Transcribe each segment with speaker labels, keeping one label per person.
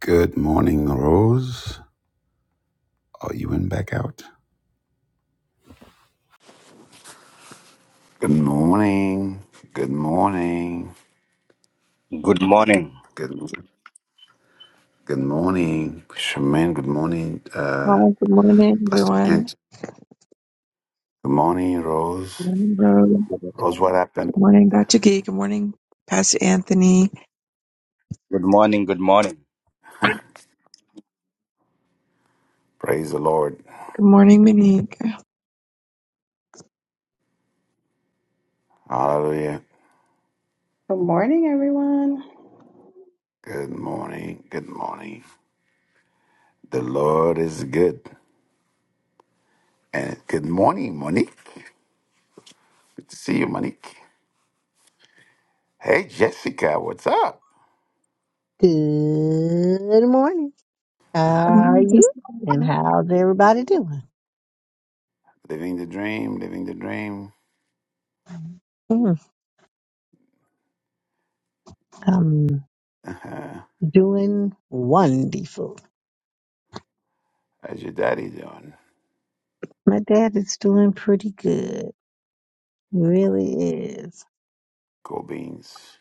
Speaker 1: Good morning, Rose. Are you in back out? Good morning. Good morning.
Speaker 2: Good morning.
Speaker 1: Good good morning, Shaman. Good morning,
Speaker 3: Hi,
Speaker 1: uh,
Speaker 3: good morning,
Speaker 1: Pastor
Speaker 3: everyone.
Speaker 1: Kent.
Speaker 3: Good
Speaker 1: Good morning, Rose.
Speaker 3: morning, Rose. Good
Speaker 1: Rose, what happened?
Speaker 3: morning, Dr. Gee. Good morning, Pastor Anthony.
Speaker 2: Good morning. Good morning.
Speaker 1: Praise the Lord.
Speaker 3: Good morning, Monique.
Speaker 1: Hallelujah.
Speaker 4: Good morning, everyone.
Speaker 1: Good morning. Good morning. The Lord is good. And good morning, Monique. Good to see you, Monique. Hey, Jessica, what's up?
Speaker 5: Good morning. How
Speaker 1: Huh?
Speaker 3: Good
Speaker 5: are
Speaker 3: morning,
Speaker 5: you?
Speaker 3: Jessica.
Speaker 5: And
Speaker 3: Good
Speaker 5: how's everybody doing?
Speaker 1: Living the dream, living the dream.
Speaker 5: Mm, I'm
Speaker 1: Uh-huh.
Speaker 5: doing wonderful.
Speaker 1: How's your daddy doing?
Speaker 5: My dad is doing pretty good. He really is.
Speaker 1: Cool beans.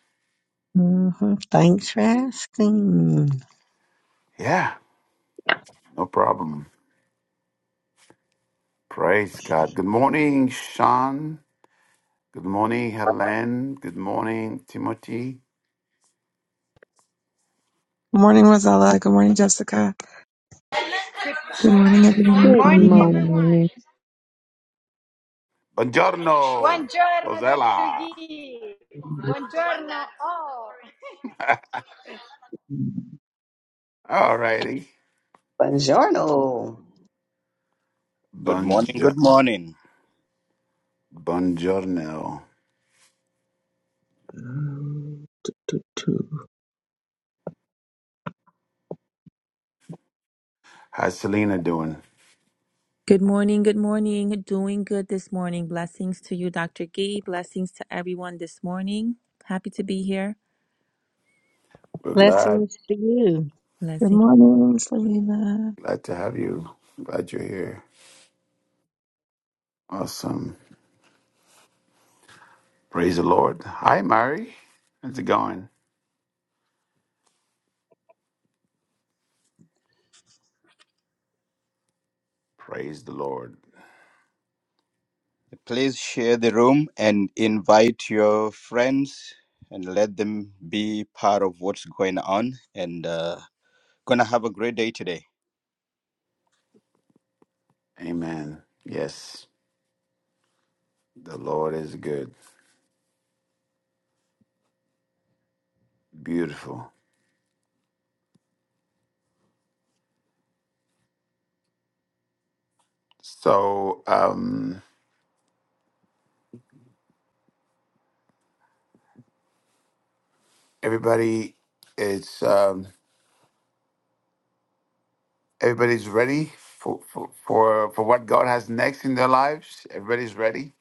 Speaker 5: hmm Thanks for asking.
Speaker 1: Yeah, no problem. Praise God. Good morning, Sean. Good morning, Helen. Good morning, Timothy.
Speaker 3: morning, Rosella. Good morning, Jessica.
Speaker 6: Good,
Speaker 3: Good morning, everyone.
Speaker 6: good
Speaker 5: Good
Speaker 6: morning, everyone.
Speaker 5: morning.
Speaker 1: Buongiorno,
Speaker 6: Buongiorno, Dr.
Speaker 1: Rosella.
Speaker 6: Gee.
Speaker 7: Good
Speaker 6: Buongiorno, all.
Speaker 1: All righty.
Speaker 4: Buongiorno.
Speaker 2: Good morning.
Speaker 1: Buongi-
Speaker 2: Good morning.
Speaker 1: Buongiorno. How's Selena doing?
Speaker 8: Good morning. Good morning. Doing good this morning. Blessings to you, Dr. Gee. Blessings to everyone this morning. Happy to be here.
Speaker 1: We're glad,
Speaker 5: Blessings to you.
Speaker 3: Good
Speaker 8: Blessing.
Speaker 3: morning, Selena.
Speaker 1: glad to have you. Glad you're here. Awesome. Praise the Lord. Hi, Mary. How's it going? Praise the Lord.
Speaker 2: Please share the room and invite your friends and let them be part of what's going on. And uh, gonna have a great day today.
Speaker 1: Amen. Yes, the Lord is good. Beautiful. So um, everybody, it's um, everybody's ready for, for for for what God has next in their lives. Everybody's ready.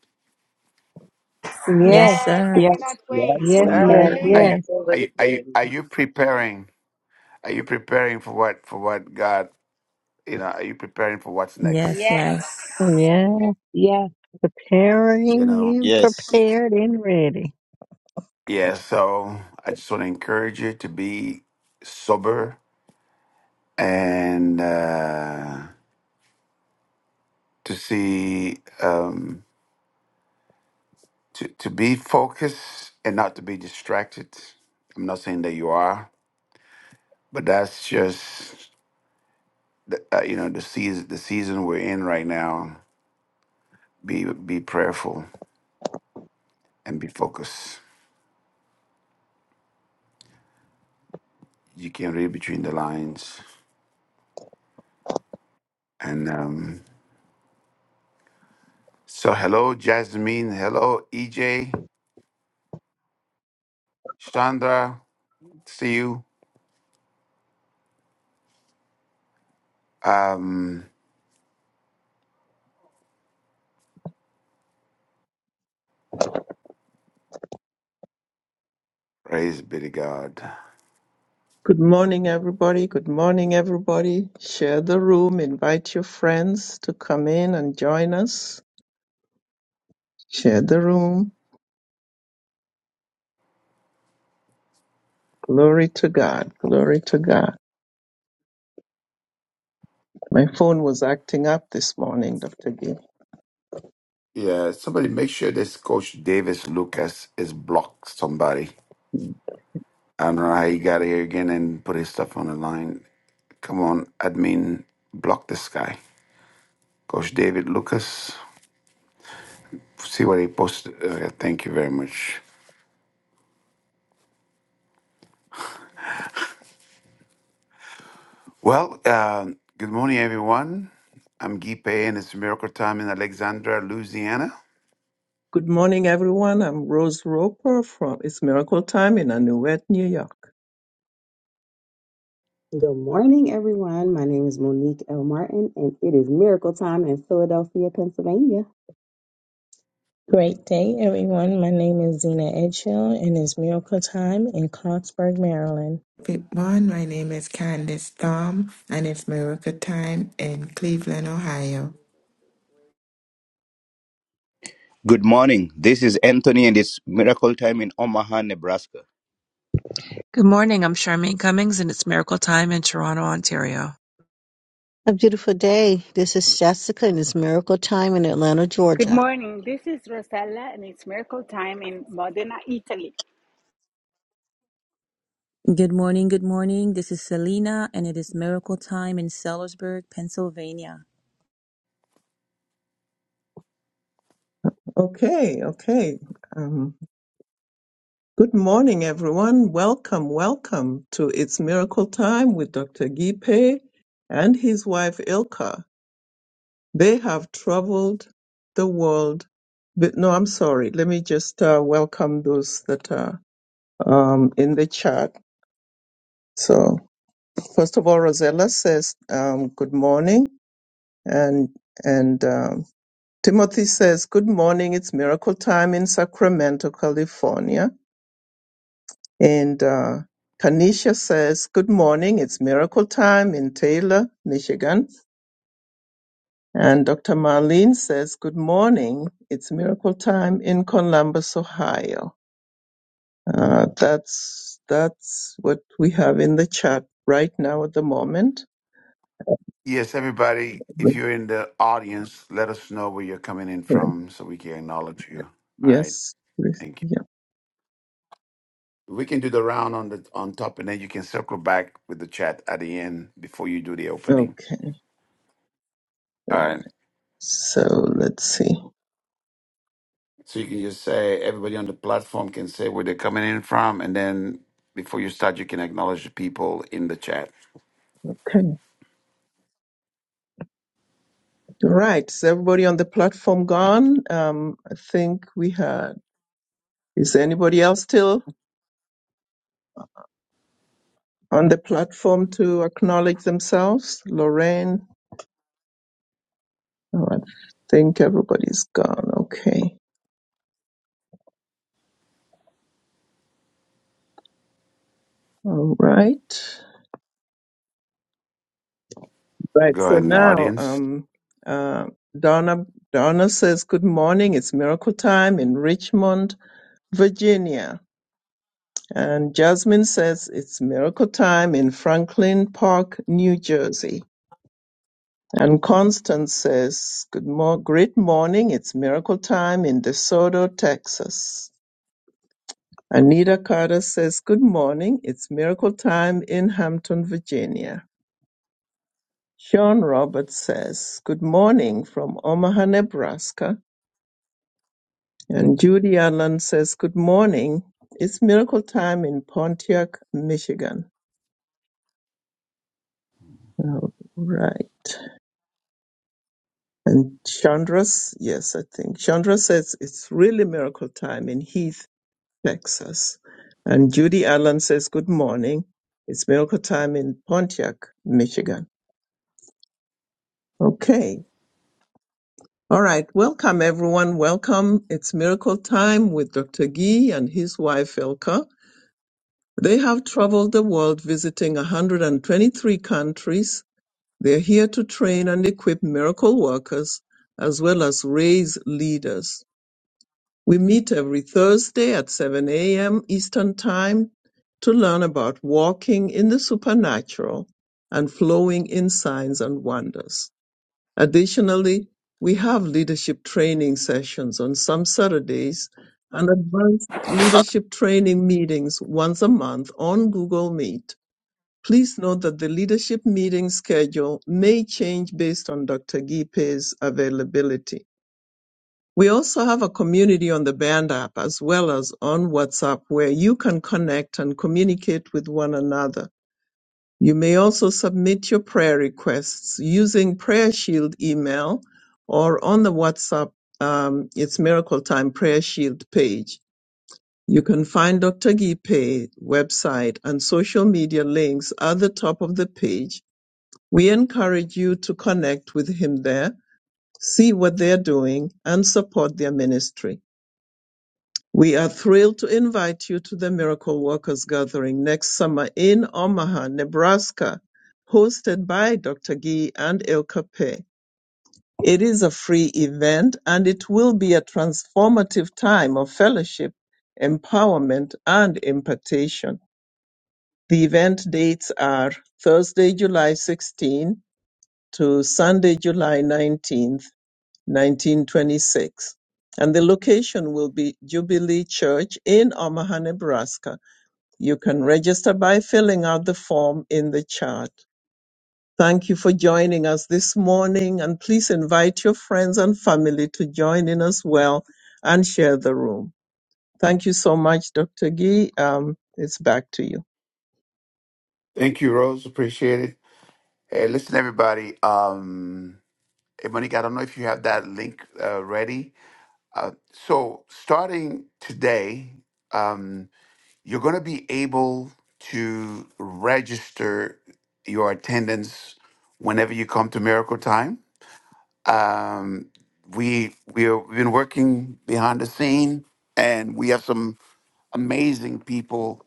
Speaker 8: Yes,
Speaker 5: Yes,
Speaker 6: Yes, I
Speaker 8: sir.
Speaker 3: Yes,
Speaker 6: cannot wait.
Speaker 4: Yes,
Speaker 5: yes, yes,
Speaker 4: sir.
Speaker 1: Are
Speaker 6: Hallelujah.
Speaker 3: amen.
Speaker 1: you
Speaker 5: yes.
Speaker 1: are you are you,
Speaker 4: Absolutely.
Speaker 1: are you preparing? Are you preparing for what for what God? You know, are you preparing for what's next?
Speaker 8: Yes,
Speaker 6: Yes.
Speaker 8: yes.
Speaker 5: Yeah,
Speaker 3: Yes.
Speaker 1: You know,
Speaker 5: preparing and
Speaker 2: Yes.
Speaker 5: prepared and ready.
Speaker 1: yeah. So I just want to encourage you to be sober and uh, to see. Um, to to be focused and not to be distracted. I'm not saying that you are, but that's just the, uh, you know the season the season we're in right now. Be be prayerful and be focused. You can read between the lines. And um, so, hello, Jasmine. Hello, EJ. Chandra, see you. Um, praise be to God.
Speaker 7: morning, everybody. Good morning, everybody. Share the room. Invite your friends to come in and join us. Share the room. Glory to God. Glory to God. My phone was acting up this morning, Dr. Gay.
Speaker 1: Yeah, somebody make sure this coach Davis Lucas is blocked. Somebody. I don't know how he got here again and put his stuff on the line. Come on, admin, block this guy. Coach David Lucas, see what he posted. Okay, thank you very much. Well, uh, good morning, everyone. I'm Guy Pay, and it's Miracle Time in Alexandria, Louisiana.
Speaker 7: Good morning, everyone. I'm Rose Roper from It's Miracle Time in Anuet, New York.
Speaker 4: Good morning, everyone. My name is Monique L. Martin, and it is miracle time in Philadelphia, Pennsylvania.
Speaker 9: Great day, everyone. My name is Zena Edgehill, and it's Miracle Time in Clarksburg, Maryland.
Speaker 10: Everyone, my name is Candice Thom, and it's Miracle Time in Cleveland, Ohio.
Speaker 2: Good morning. This is Anthony, and it's Miracle Time in Omaha, Nebraska.
Speaker 3: Good morning. I'm Charmaine Cummings, and it's Miracle Time in Toronto, Ontario.
Speaker 5: A beautiful day. This is Jessica and it's Miracle Time in Atlanta,
Speaker 6: Good
Speaker 5: Georgia.
Speaker 6: morning. This is Rosella, and it's miracle time in Modena, Italy.
Speaker 8: Good morning. Good morning. This is Selena, and it is miracle time in Sellersburg, Pennsylvania.
Speaker 7: Okay, okay. Um, good morning, everyone. Welcome, welcome to It's Miracle Time with Dr. Gipe and his wife Ilka. They have traveled the world. But no, I'm sorry. Let me just uh, welcome those that are um, in the chat. So first of all, Rosella says um, good morning, and and um, Timothy says good morning. It's miracle time in Sacramento, California, and uh, Kanisha says good morning. It's miracle time in Taylor, Michigan. And Dr. Marlene says, Good morning. It's miracle time in Columbus, Ohio. Uh, that's, that's what we have in the chat right now at the moment.
Speaker 1: Yes, everybody, if you're in the audience, let us know where you're coming in from so we can acknowledge you. All right,
Speaker 7: Yes. Ruth?
Speaker 1: thank you.
Speaker 7: Yeah.
Speaker 1: We can do the round on the on top, and then you can circle back with the chat at the end before you do the opening.
Speaker 7: Okay.
Speaker 1: All right.
Speaker 7: So let's see.
Speaker 1: So you can just say everybody on the platform can say where they're coming in from, and then before you start, you can acknowledge the people in the chat.
Speaker 7: Okay. Right. Is everybody on the platform gone? Um, I think we had. Is anybody else still on the platform to acknowledge themselves? Lorraine? Oh, I think everybody's gone. Okay. All right. Right.
Speaker 1: Go
Speaker 7: So
Speaker 1: ahead in the
Speaker 7: now,
Speaker 1: audience.
Speaker 7: um, uh, Donna, Donna says, good morning. It's miracle time in Richmond, Virginia. And Jasmine says it's miracle time in Franklin Park, New Jersey. And Constance says, Good mo- great morning. It's miracle time in DeSoto, Texas. Anita Carter says, Good morning. It's miracle time in Hampton, Virginia. Sean Roberts says, Good morning from Omaha, Nebraska. And Judy Allen says, Good morning. It's miracle time in Pontiac, Michigan. All right. And Chandras, yes, I think Chandra says it's really miracle time in Heath, Texas. And Judy Allen says, Good morning. It's miracle time in Pontiac, Michigan. Okay. All right. Welcome, everyone. Welcome. It's miracle time with Dr. Gee and his wife, Ilka. They have traveled the world visiting 123 countries. They're here to train and equip miracle workers as well as raise leaders. We meet every Thursday at 7 a.m. Eastern Time to learn about walking in the supernatural and flowing in signs and wonders. Additionally, we have leadership training sessions on some Saturdays and advanced leadership training meetings once a month on Google Meet. Please note that the leadership meeting schedule may change based on Dr. Gipe's availability. We also have a community on the Band app as well as on WhatsApp where you can connect and communicate with one another. You may also submit your prayer requests using Prayer Shield email or on the WhatsApp, um, it's Miracle Time Prayer Shield page. You can find Dr. Gipe website and social media links at the top of the page. We encourage you to connect with him there, see what they're doing, and support their ministry. We are thrilled to invite you to the Miracle Workers Gathering next summer in Omaha, Nebraska, hosted by Dr. Gee and Ilka Pei. It is a free event and it will be a transformative time of fellowship, empowerment, and impartation. The event dates are Thursday, July 16 to Sunday, July 19th 1926. And the location will be Jubilee Church in Omaha, Nebraska. You can register by filling out the form in the chat. Thank you for joining us this morning, and please invite your friends and family to join in as well and share the room. Thank you so much, Dr. Gee. Um, it's back to you.
Speaker 1: Thank you, Rose. Appreciate it. Hey, listen, everybody. Um, hey, Monique, I don't know if you have that link uh, ready. Uh, so starting today, um, you're going to be able to register your attendance whenever you come to Miracle Time Um, we we are, we've been working behind the scene, and we have some amazing people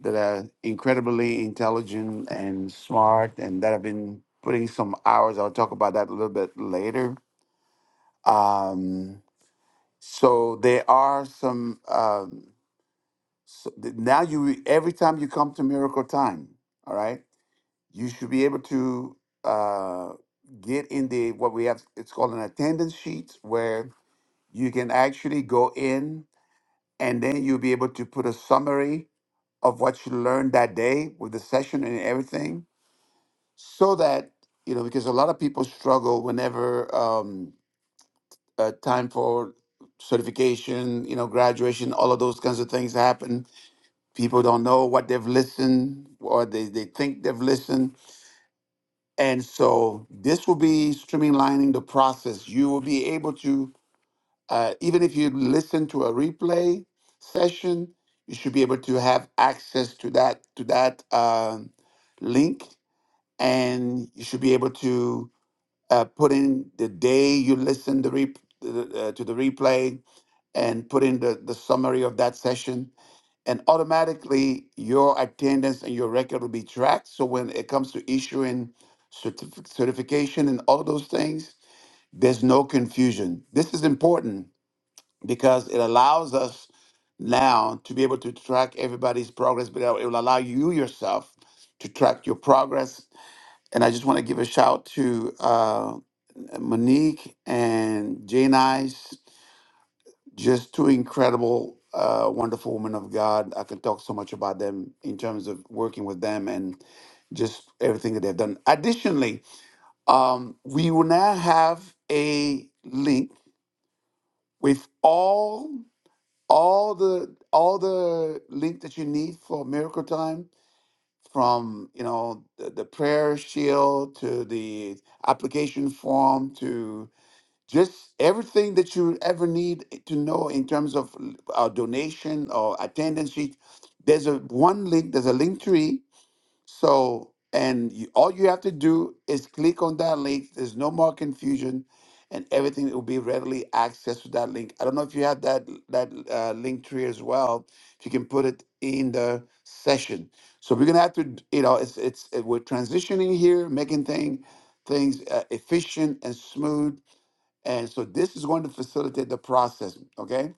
Speaker 1: that are incredibly intelligent and smart, and that have been putting some hours. I'll talk about that a little bit later. Um, so there are some. Um, so th- now you every time you come to Miracle Time, all right, you should be able to uh, get in the what we have. It's called an attendance sheet where you can actually go in and then you'll be able to put a summary of what you learned that day with the session and everything so that you know because a lot of people struggle whenever um, uh, time for certification you know graduation all of those kinds of things happen people don't know what they've listened or they, they think they've listened and so this will be streamlining the process you will be able to Uh, even if you listen to a replay session, you should be able to have access to that to that um, link, and you should be able to uh, put in the day you listen the rep- uh, to the replay and put in the, the summary of that session and automatically your attendance and your record will be tracked so when it comes to issuing certif- certification and all those things there's no confusion this is important because it allows us now to be able to track everybody's progress, but it will allow you yourself to track your progress. And I just want to give a shout to uh, Monique and Jane Ice, just two incredible, uh, wonderful women of God. I can talk so much about them in terms of working with them and just everything that they've done. Additionally, um, we will now have a link with all all the all the link that you need for miracle time from you know the, the prayer shield to the application form to just everything that you ever need to know in terms of l- uh, donation or attendance sheet there's a one link there's a link tree so, and you, all you have to do is click on that link. There's no more confusion, and everything will be readily accessed with that link. I don't know if you have that that uh, link tree as well. If you can put it in the session. So we're gonna have to, d- you know, it's it's uh, we're transitioning here, making thing things uh, efficient and smooth. And so this is going to facilitate the process. Okay.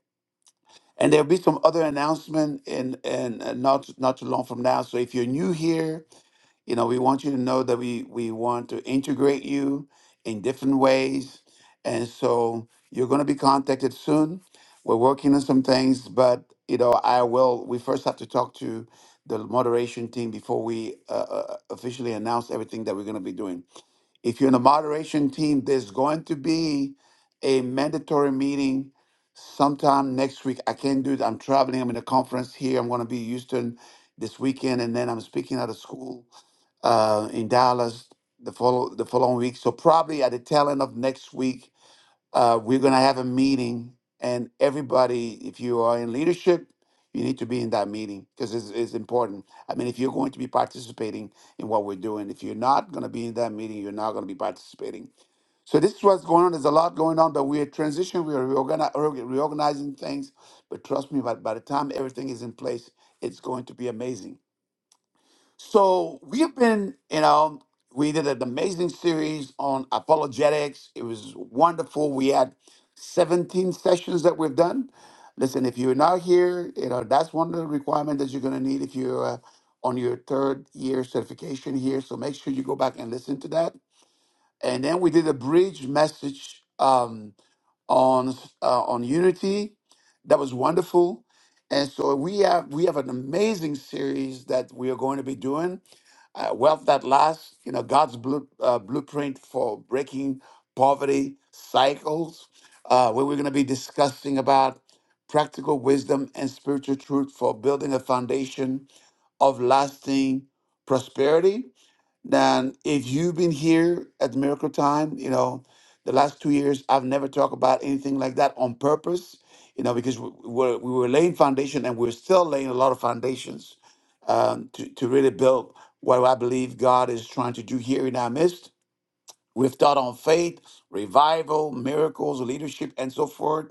Speaker 1: And there'll be some other announcement in, and not not too long from now. So if you're new here, you know, we want you to know that we we want to integrate you in different ways, and so you're going to be contacted soon. We're working on some things, but you know, I will. We first have to talk to the moderation team before we uh, uh, uh, officially announce everything that we're going to be doing. If you're in the moderation team, there's going to be a mandatory meeting sometime next week. I can't do it. I'm traveling. I'm in a conference here. I'm going to be in Houston this weekend, and then I'm speaking at a school uh, in Dallas the follow the following week. So probably at the tail end of next week, uh, we're gonna have a meeting, and everybody, if you are in leadership, you need to be in that meeting because it's, it's important. I mean, if you're going to be participating in what we're doing, if you're not gonna be in that meeting, you're not gonna be participating. So this is what's going on. There's a lot going on, but we are transitioning. We are reorgani- reorg- reorganizing things. But trust me, by, by the time everything is in place, it's going to be amazing. So we have been, you know, we did an amazing series on apologetics. It was wonderful. We had 17 sessions that we've done. Listen, if you're not here, you know, that's one of the requirements that you're going to need if you're uh, on your third year certification here. So make sure you go back and listen to that. And then we did a bridge message Um, on uh, on unity. That was wonderful. And so we have we have an amazing series that we are going to be doing. Uh, Wealth that lasts, you know, God's blue, uh, blueprint for breaking poverty cycles, uh, where we're going to be discussing about practical wisdom and spiritual truth for building a foundation of lasting prosperity. Then, if you've been here at Miracle Time, you know, the last two years, I've never talked about anything like that on purpose, you know, because we we're, we were laying foundation and we're still laying a lot of foundations um, to, to really build what I believe God is trying to do here in our midst. We've taught on faith, revival, miracles, leadership, and so forth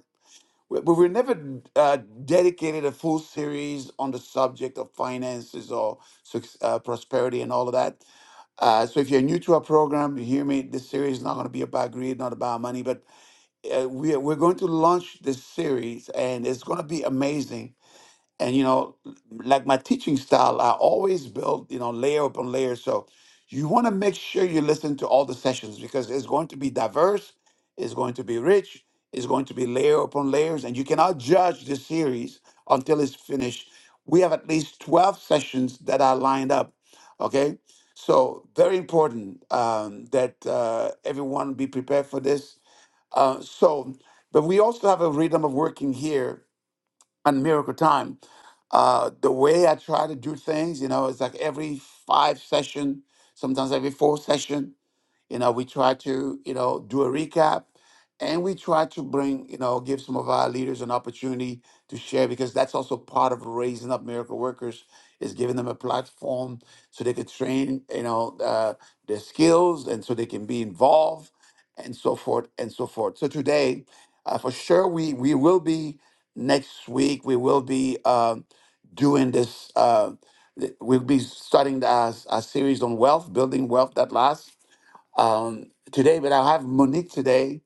Speaker 1: we- but we never uh, dedicated a full series on the subject of finances or suc- uh, prosperity and all of that. Uh, so if you're new to our program, you hear me. This series is not going to be about greed, not about money, but uh, we are, we're going to launch this series, and it's going to be amazing and you know like my teaching style i always build you know layer upon layer so you want to make sure you listen to all the sessions because it's going to be diverse it's going to be rich it's going to be layer upon layers and you cannot judge this series until it's finished we have at least 12 sessions that are lined up okay so very important um, that uh, everyone be prepared for this uh, so but we also have a rhythm of working here on Miracle Time. Uh, the way I try to do things, you know, it's like every five session, sometimes every four session, you know, we try to, you know, do a recap and we try to bring, you know, give some of our leaders an opportunity to share because that's also part of raising up miracle workers is giving them a platform so they could train, you know, uh, their skills and so they can be involved and so forth and so forth. So today, uh, for sure, we we will be next week. We will be um, doing this. Uh, th- we'll be starting the- our, our series on wealth, building wealth that lasts um, today, but I'll have Monique today.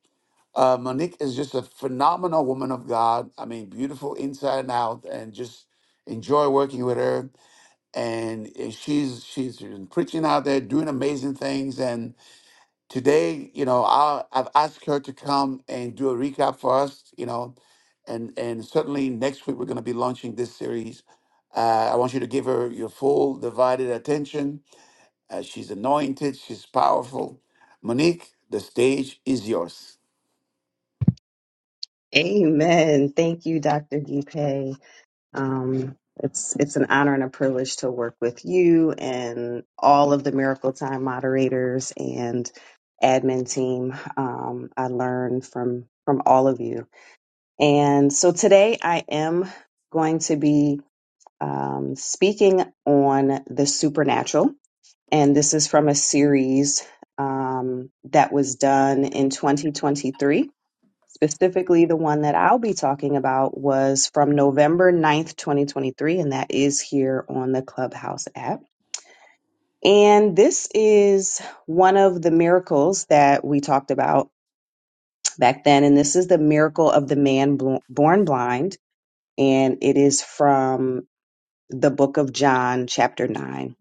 Speaker 1: Uh, Monique is just a phenomenal woman of God. I mean, beautiful inside and out, and just enjoy working with her. And uh, she's she's been preaching out there, doing amazing things. And today, you know, I, I've asked her to come and do a recap for us. You know, and and certainly next week we're going to be launching this series. Uh, I want you to give her your full divided attention uh, she's anointed, she's powerful. Monique, the stage is yours.
Speaker 4: Amen. Thank you, Dr. Gipe. Um, it's it's an honor and a privilege to work with you and all of the Miracle Time moderators and admin team. Um, I learn from from all of you And so today I am going to be um, speaking on the supernatural. And this is from a series um, that was done in 2023. Specifically, the one that I'll be talking about was from November 9th, 2023, and that is here on the Clubhouse app. And this is one of the miracles that we talked about back then. And this is the miracle of the man bl- born blind and it is from the book of John, chapter 9.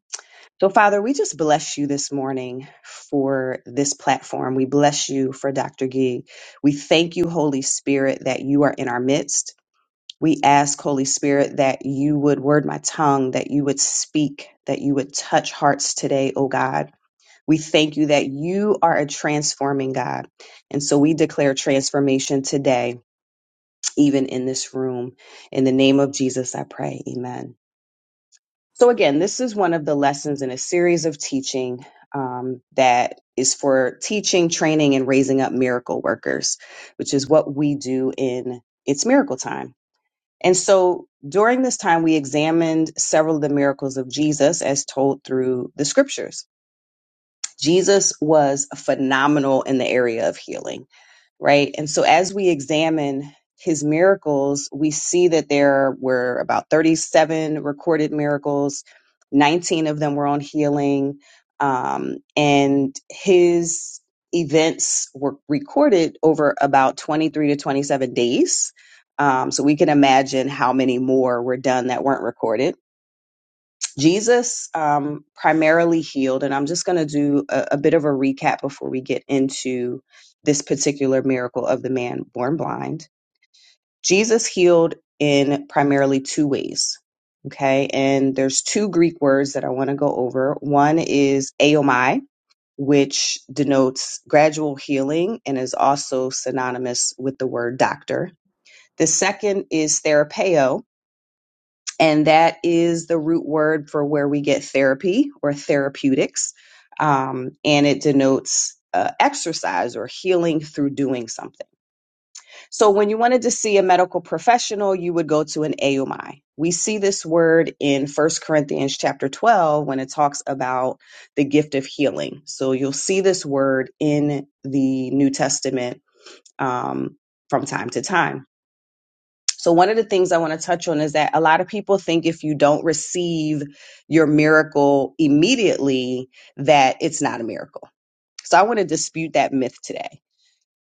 Speaker 4: So, Father, we just bless you this morning for this platform. We bless you for Dr. Gee. We thank you, Holy Spirit, that you are in our midst. We ask, Holy Spirit, that you would word my tongue, that you would speak, that you would touch hearts today, O God. We thank you that you are a transforming God. And so we declare transformation today, even in this room. In the name of Jesus, I pray. Amen. So, again, this is one of the lessons in a series of teaching um, that is for teaching, training, and raising up miracle workers, which is what we do in It's Miracle Time. And so, during this time, we examined several of the miracles of Jesus as told through the scriptures. Jesus was phenomenal in the area of healing right? And so as we examine his miracles, we see that there were about 37 recorded miracles, 19 of them were on healing, um, and his events were recorded over about 23 to 27 days. Um, so we can imagine how many more were done that weren't recorded. Jesus um, primarily healed, and I'm just going to do a, a bit of a recap before we get into this particular miracle of the man born blind. Jesus healed in primarily two ways. Okay, and there's two Greek words that I want to go over. One is aomai, which denotes gradual healing and is also synonymous with the word doctor. The second is therapeo, and that is the root word for where we get therapy or therapeutics. Um, and it denotes uh, exercise or healing through doing something. So when you wanted to see a medical professional, you would go to an AUMI. We see this word in First Corinthians chapter 12 when it talks about the gift of healing. So you'll see this word in the New Testament um, from time to time. So, one of the things I want to touch on is that a lot of people think if you don't receive your miracle immediately, that it's not a miracle. So, I want to dispute that myth today.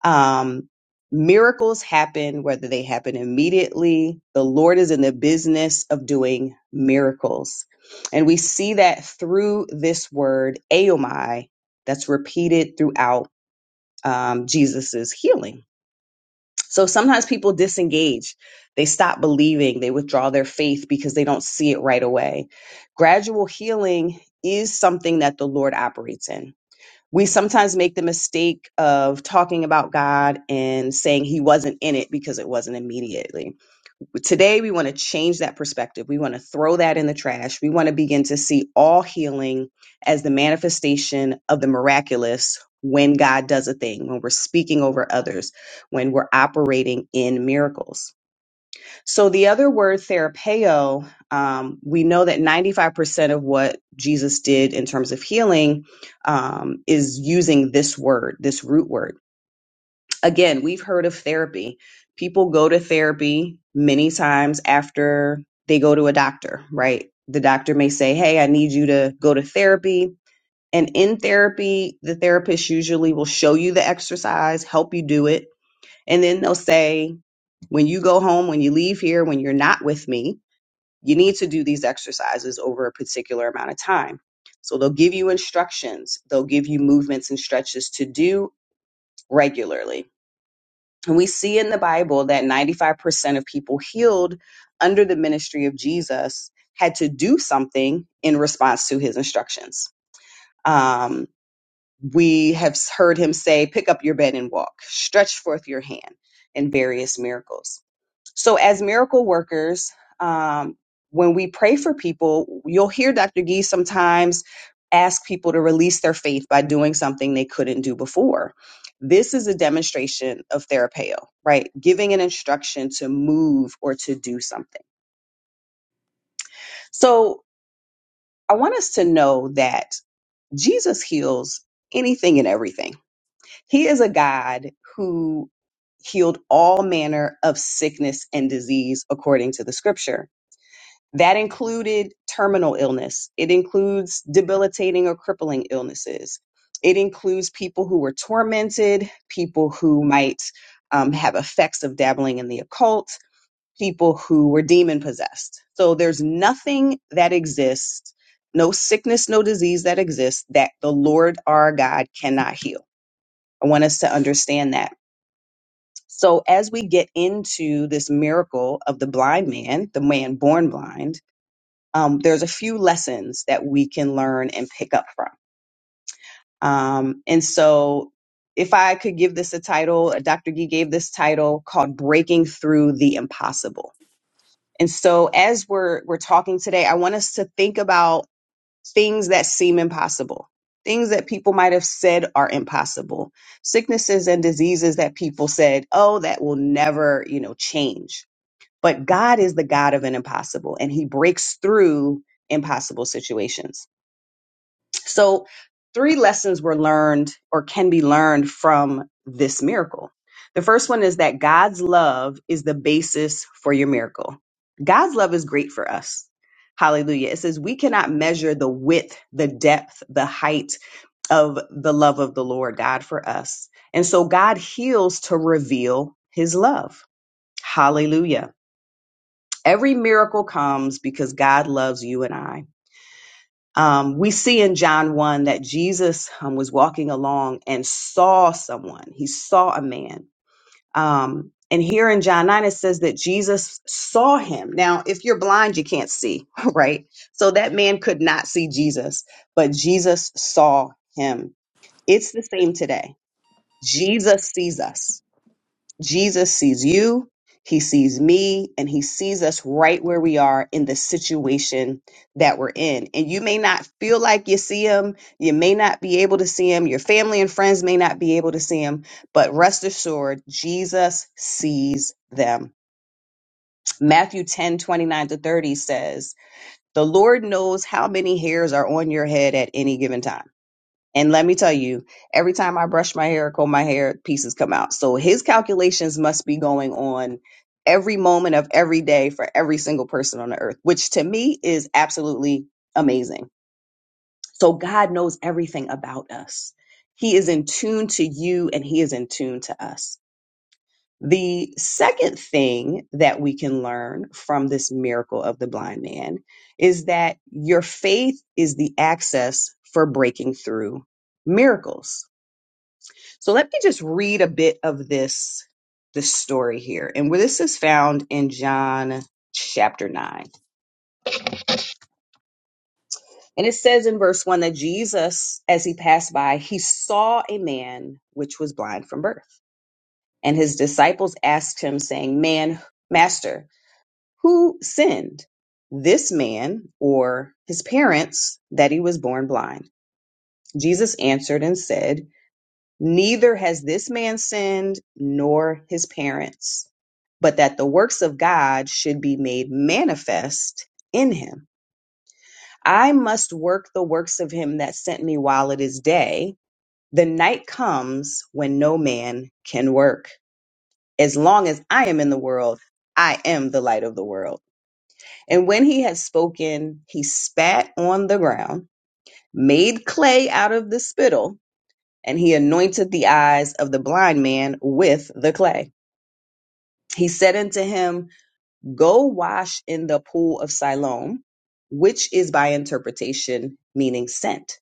Speaker 4: Um, miracles happen whether they happen immediately. The Lord is in the business of doing miracles. And we see that through this word, Aomai, that's repeated throughout um, Jesus' healing so sometimes people disengage. They stop believing. They withdraw their faith because they don't see it right away. Gradual healing is something that the Lord operates in. We sometimes make the mistake of talking about God and saying he wasn't in it because it wasn't immediately Today, we want to change that perspective. We want to throw that in the trash. We want to begin to see all healing as the manifestation of the miraculous when God does a thing, when we're speaking over others, when we're operating in miracles. So, the other word, therapeo, um, we know that 95% of what Jesus did in terms of healing um, is using this word, this root word again, we've heard of therapy. People go to therapy many times after they go to a doctor, right? The doctor may say, Hey, I need you to go to therapy. And in therapy, the therapist usually will show you the exercise, help you do it. And then they'll say, When you go home, when you leave here, when you're not with me, you need to do these exercises over a particular amount of time. So they'll give you instructions, they'll give you movements and stretches to do regularly and we see in the Bible that 95% of people healed under the ministry of Jesus had to do something in response to his instructions. Um, we have heard him say, Pick up your bed and walk, stretch forth your hand, and various miracles. So, as miracle workers, um, when we pray for people, you'll hear Dr. Gee sometimes ask people to release their faith by doing something they couldn't do before. This is a demonstration of therapeo, right? Giving an instruction to move or to do something. So, I want us to know that Jesus heals anything and everything. He is a God who healed all manner of sickness and disease according to the scripture That included terminal illness. It includes debilitating or crippling illnesses. It includes people who were tormented, people who might um, have effects of dabbling in the occult, people who were demon possessed. So there's nothing that exists, no sickness, no disease that exists that the Lord our God cannot heal. I want us to understand that. So as we get into this miracle of the blind man, the man born blind, um, there's a few lessons that we can learn and pick up from. Um, and so, if I could give this a title, Dr. Gee gave this title called "Breaking Through the Impossible." And so, as we're we're talking today, I want us to think about things that seem impossible, things that people might have said are impossible, sicknesses and diseases that people said, "Oh, that will never, you know, change." But God is the God of an impossible, and He breaks through impossible situations. So, three lessons were learned or can be learned from this miracle. The first one is that God's love is the basis for your miracle. God's love is great for us. Hallelujah. It says we cannot measure the width, the depth, the height of the love of the Lord God for us. And so God heals to reveal his love. Hallelujah. Every miracle comes because God loves you and I. Um, we see in John 1 that Jesus um, was walking along and saw someone. He saw a man. Um, and here in John 9, it says that Jesus saw him. Now, if you're blind, you can't see, right? So that man could not see Jesus, but Jesus saw him. It's the same today. Jesus sees us. Jesus sees you, he sees me, and he sees us right where we are in the situation that we're in. And you may not feel like you see him, you may not be able to see him, your family and friends may not be able to see him, but rest assured, Jesus sees them. Matthew 10 29 to 30 says, The Lord knows how many hairs are on your head at any given time. And let me tell you, every time I brush my hair or comb my hair, pieces come out. So his calculations must be going on every moment of every day for every single person on the earth, which to me is absolutely amazing. So God knows everything about us. He is in tune to you and he is in tune to us. The second thing that we can learn from this miracle of the blind man is that your faith is the access for breaking through miracles so let me just read a bit of this this story here. And where this is found in John chapter 9. And it says in verse 1 that Jesus as he passed by, he saw a man which was blind from birth. And his disciples asked him saying, "Man, master, who sinned? This man or his parents that he was born blind?" Jesus answered and said, Neither has this man sinned, nor his parents, but that the works of God should be made manifest in him. I must work the works of him that sent me while it is day. The night comes when no man can work. As long as I am in the world, I am the light of the world. And when he had spoken, he spat on the ground, made clay out of the spittle, and he anointed the eyes of the blind man with the clay He said unto him, Go wash in the pool of Siloam, which is by interpretation meaning sent.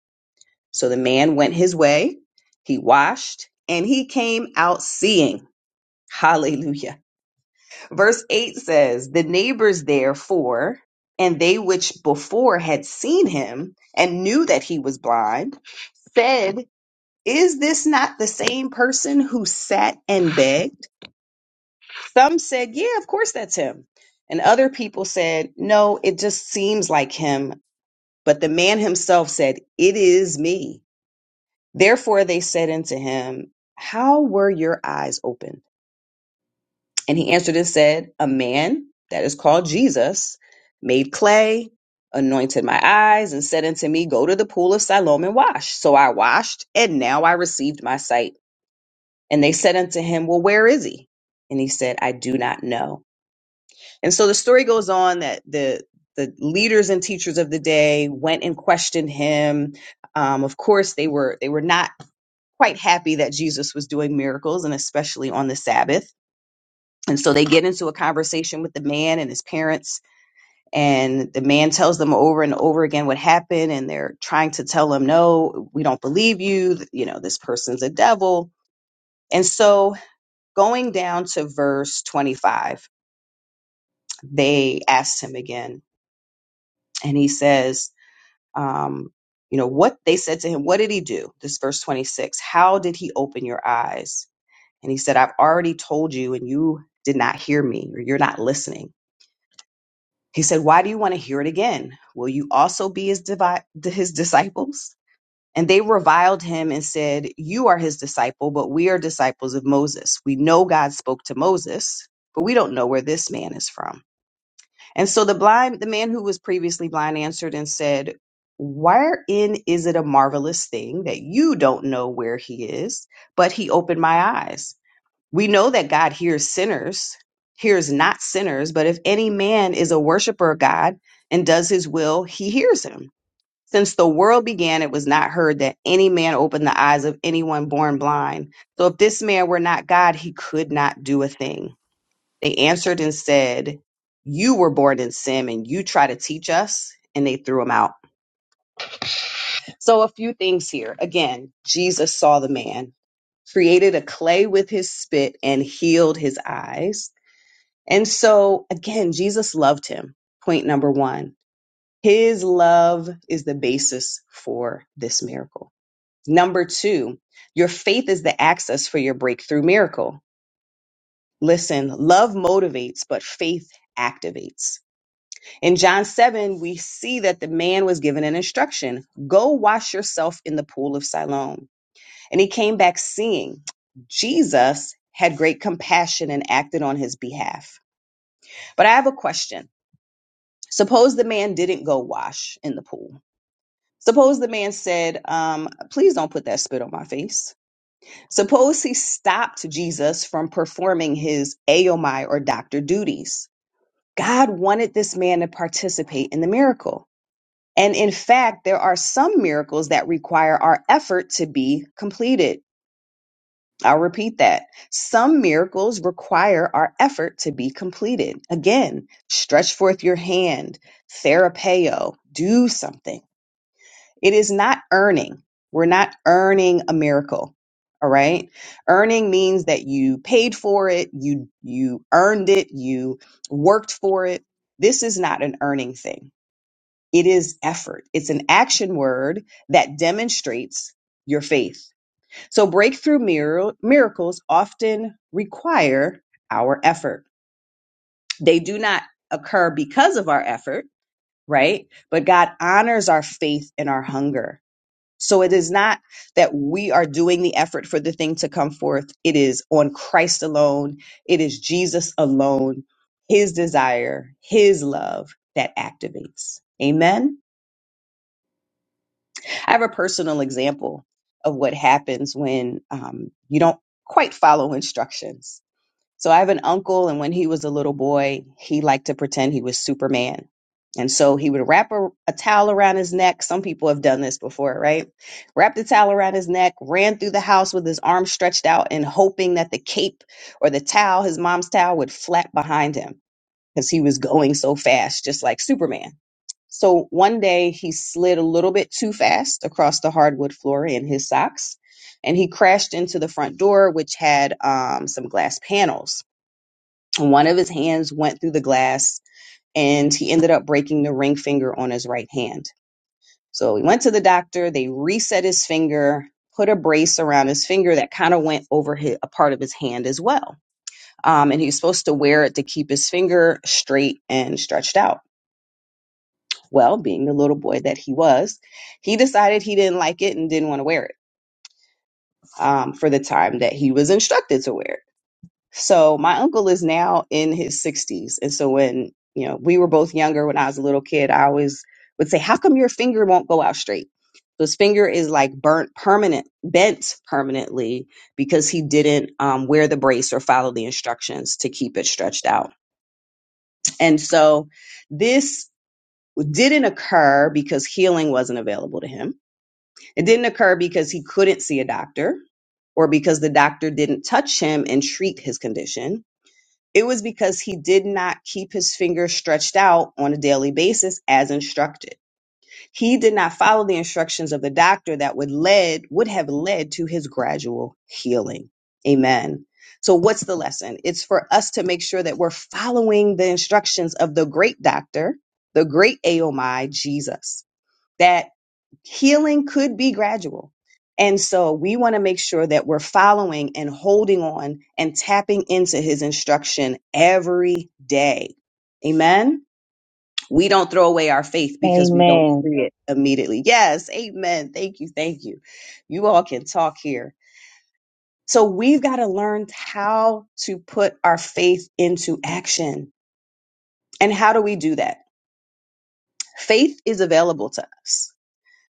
Speaker 4: So the man went his way, he washed, and he came out seeing. Hallelujah. Verse 8 says, The neighbors therefore, and they which before had seen him and knew that he was blind, said, Is this not the same person who sat and begged? Some said, yeah, of course that's him. And other people said, no, it just seems like him. But the man himself said, it is me. Therefore they said unto him, how were your eyes open? And he answered and said, a man that is called Jesus made clay, anointed my eyes and said unto me, go to the pool of Siloam and wash. So I washed and now I received my sight. And they said unto him, well, where is he? And he said, I do not know. And so the story goes on that the the leaders and teachers of the day went and questioned him. Um, of course, they were they were not quite happy that Jesus was doing miracles, and especially on the Sabbath. And so they get into a conversation with the man and his parents, and the man tells them over and over again what happened, and they're trying to tell him, "No, we don't believe you. th- You know, this person's a devil." And so, going down to verse twenty-five, they asked him again, and he says, um, you know what they said to him what did he do this verse 26 how did he open your eyes and he said i've already told you and you did not hear me or you're not listening he said why do you want to hear it again will you also be his, divi- his disciples and they reviled him and said you are his disciple but we are disciples of moses we know god spoke to moses but we don't know where this man is from and so the blind, the man who was previously blind answered and said, Wherein is it a marvelous thing that you don't know where he is, but he opened my eyes? We know that God hears sinners, hears not sinners, but if any man is a worshiper of God and does his will, he hears him. Since the world began, it was not heard that any man opened the eyes of anyone born blind. So if this man were not God, he could not do a thing. They answered and said, You were born in sin and you try to teach us. And they threw him out. So, a few things here. Again, Jesus saw the man, created a clay with his spit, and healed his eyes. And so, again, Jesus loved him. Point number one his love is the basis for this miracle. Number two, your faith is the access for your breakthrough miracle. Listen, love motivates, but faith activates In John 7, we see that the man was given an instruction go wash yourself in the pool of Siloam. And he came back seeing Jesus had great compassion and acted on his behalf. But I have a question. Suppose the man didn't go wash in the pool. Suppose the man said, um, Please don't put that spit on my face. Suppose he stopped Jesus from performing his Aomai or doctor duties. God wanted this man to participate in the miracle And in fact, there are some miracles that require our effort to be completed. I'll repeat that. Some miracles require our effort to be completed. Again, stretch forth your hand, therapeo, do something. It is not earning. We're not earning a miracle. All right? Earning means that you paid for it, you you earned it, you worked for it. This is not an earning thing it is effort. It's an action word that demonstrates your faith. So breakthrough mir- miracles often require our effort. They do not occur because of our effort, right? But God honors our faith and our hunger. So it is not that we are doing the effort for the thing to come forth. It is on Christ alone. It is Jesus alone, his desire, his love that activates. Amen. I have a personal example of what happens when um, you don't quite follow instructions. So I have an uncle, and when he was a little boy, he liked to pretend he was Superman. And so he would wrap a, a towel around his neck. Some people have done this before, right? Wrapped the towel around his neck, ran through the house with his arms stretched out and hoping that the cape or the towel, his mom's towel, would flap behind him because he was going so fast, just like Superman. So one day he slid a little bit too fast across the hardwood floor in his socks and he crashed into the front door, which had um, some glass panels. One of his hands went through the glass and he ended up breaking the ring finger on his right hand. So he went to the doctor, they reset his finger, put a brace around his finger that kind of went over his, a part of his hand as well. Um, and he was supposed to wear it to keep his finger straight and stretched out. Well, being the little boy that he was, he decided he didn't like it and didn't want to wear it um, for the time that he was instructed to wear it. So my uncle is now in his 60s. And so when, you know, we were both younger when I was a little kid, I always would say, How come your finger won't go out straight? So his finger is like burnt permanent, bent permanently because he didn't um, wear the brace or follow the instructions to keep it stretched out. And so this didn't occur because healing wasn't available to him It didn't occur because he couldn't see a doctor or because the doctor didn't touch him and treat his condition. It was because he did not keep his fingers stretched out on a daily basis as instructed. He did not follow the instructions of the doctor that would led would have led to his gradual healing. Amen. So what's the lesson? It's for us to make sure that we're following the instructions of the great doctor, the great AOMI Jesus. That healing could be gradual. And so we want to make sure that we're following and holding on and tapping into his instruction every day. Amen. We don't throw away our faith because we don't
Speaker 5: Amen.
Speaker 4: see it immediately. Yes. Amen. Thank you. Thank you. You all can talk here. So we've got to learn how to put our faith into action. And how do we do that? Faith is available to us.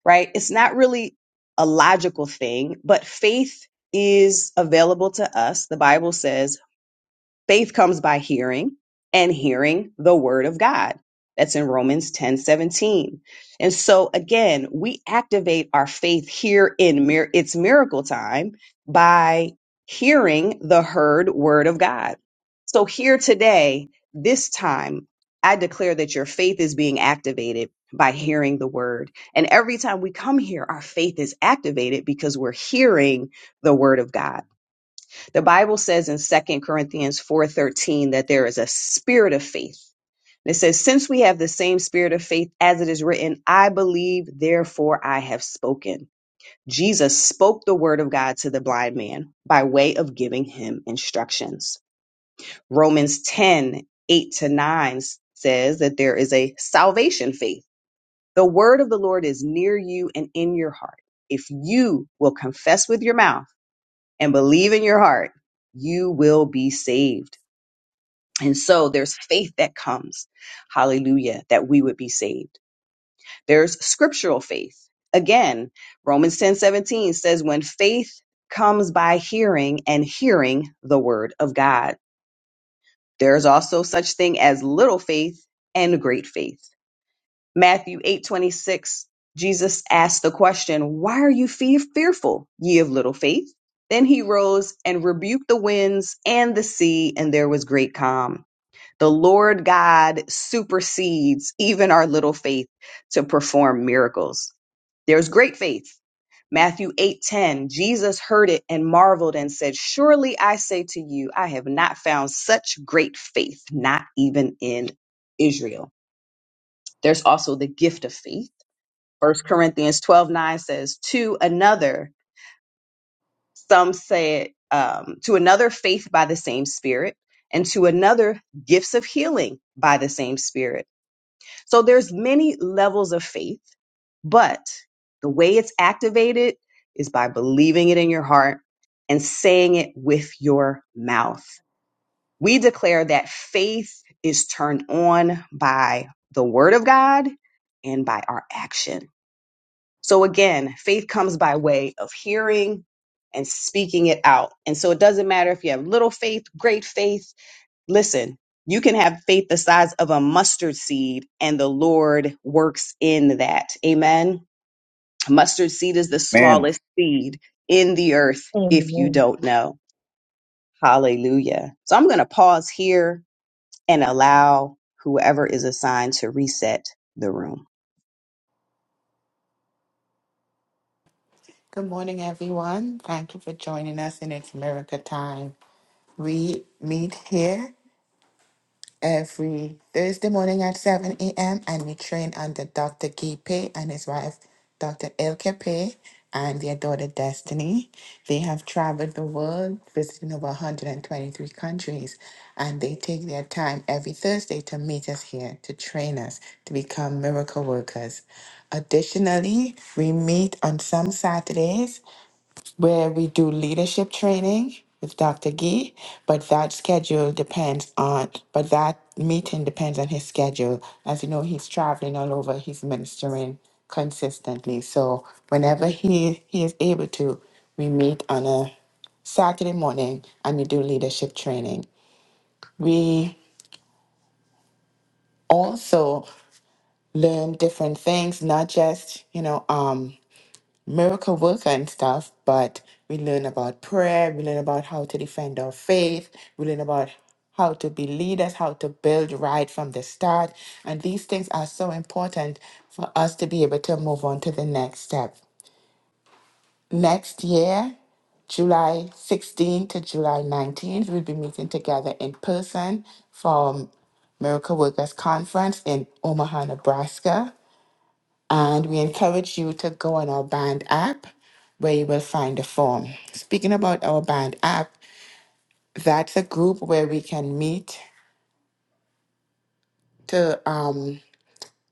Speaker 4: right? It's not really a logical thing, but faith is available to us. The Bible says Faith comes by hearing and hearing the word of God. That's in Romans 10 17, And so again, we activate our faith here in mir- it's miracle time by hearing the heard word of God. So here today, this time, I declare that your faith is being activated by hearing the word. And every time we come here, our faith is activated because we're hearing the word of God. The Bible says in Second Corinthians 4:13 that there is a spirit of faith. It says, "Since we have the same spirit of faith as it is written, I believe, therefore I have spoken." Jesus spoke the word of God to the blind man by way of giving him instructions. Romans 10 8 to 9 says that there is a salvation faith. The word of the Lord is near you and in your heart. If you will confess with your mouth and believe in your heart, you will be saved. And so there's faith that comes, hallelujah, that we would be saved. There's scriptural faith. Again, Romans 10:17 says, when faith comes by hearing and hearing the word of God. There's also such thing as little faith and great faith. Matthew 8:26, Jesus asked the question, Why are you fe- fearful, ye of little faith? Then he rose and rebuked the winds and the sea, and there was great calm. The Lord God supersedes even our little faith to perform miracles. There's great faith. Matthew 8:10 Jesus heard it and marveled and said surely I say to you I have not found such great faith not even in Israel. There's also the gift of faith. First Corinthians 12:9 says to another some said um, to another faith by the same spirit and to another gifts of healing by the same spirit So there's many levels of faith, but the way it's activated is by believing it in your heart and saying it with your mouth. We declare that faith is turned on by the word of God and by our action. So again, faith comes by way of hearing and speaking it out. And so it doesn't matter if you have little faith, great faith, listen, you can have faith the size of a mustard seed, and the Lord works in that. Amen. Mustard seed is the
Speaker 2: Amen.
Speaker 4: smallest seed in the earth if you
Speaker 9: Amen.
Speaker 4: don't know. Hallelujah. So I'm going to pause here and allow whoever is assigned to reset the room.
Speaker 10: Good morning, everyone. Thank you for joining us in It's Miracle Time. We meet here every Thursday morning at 7 a.m. and we train under Dr. Guy Pei and his wife, Dr. Ilke Pei and their daughter Destiny. They have traveled the world, visiting over 123 countries, and they take their time every Thursday to meet us here to train us to become miracle workers. Additionally, we meet on some Saturdays where we do leadership training with Dr. Gee, but that schedule depends on, but that meeting depends on his schedule. As you know, he's traveling all over, he's ministering consistently. So whenever he, he is able to, we meet on a Saturday morning and we do leadership training. We also learn different things, not just, you know, um, miracle worker and stuff, but we learn about prayer, we learn about how to defend our faith, we learn about how to be leaders, how to build right from the start. And these things are so important for us to be able to move on to the next step. Next year, July 16th to July 19th, we'll be meeting together in person for Miracle Workers Conference in Omaha, Nebraska. And we encourage you to go on our band app where you will find a form. Speaking about our band app, that's a group where we can meet to um,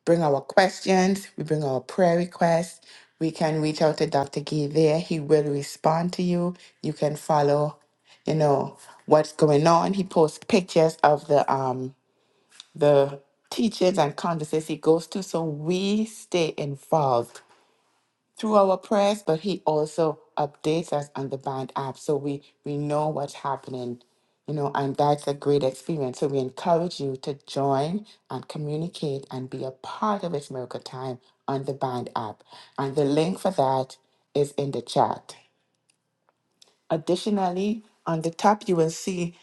Speaker 10: bring our questions, we bring our prayer requests. We can reach out to Dr. Gee there. He will respond to you. You can follow, you know, what's going on. He posts pictures of the um the teachings and conferences he goes to. So we stay involved through our prayers, but he also updates us on the band app so we we know what's happening, you know, and that's a great experience. So we encourage you to join and communicate and be a part of its miracle time on the band app. And the link for that is in the chat. Additionally, on the top, you will see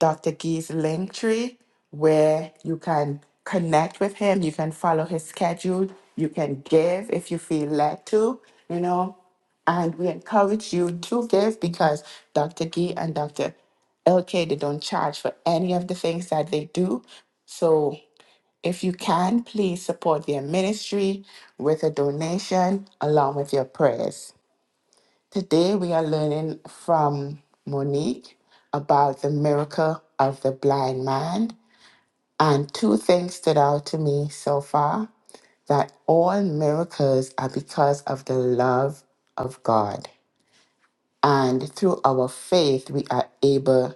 Speaker 10: Dr. Gee's link tree where you can connect with him, you can follow his schedule, you can give if you feel led to, you know. And we encourage you to give because Dr. Gee and Dr. LK, they don't charge for any of the things that they do. So if you can, please support their ministry with a donation along with your prayers. Today, we are learning from Monique about the miracle of the blind man. And two things stood out to me so far that all miracles are because of the love of God. And through our faith, we are able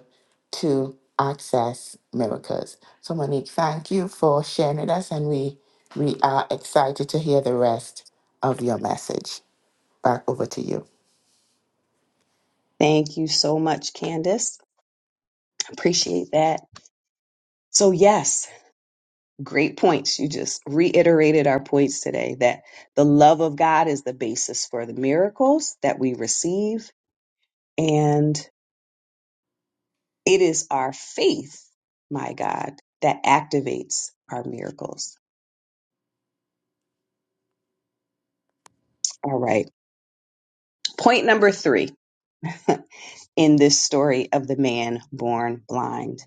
Speaker 10: to access miracles. So, Monique, thank you for sharing with us, and we, we are excited to hear the rest of your message. Back over to you.
Speaker 4: Thank you so much, Candace. Appreciate that. So, yes, great points. You just reiterated our points today that the love of God is the basis for the miracles that we receive. And it is our faith, my God, that activates our miracles. All right. Point number three in this story of the man born blind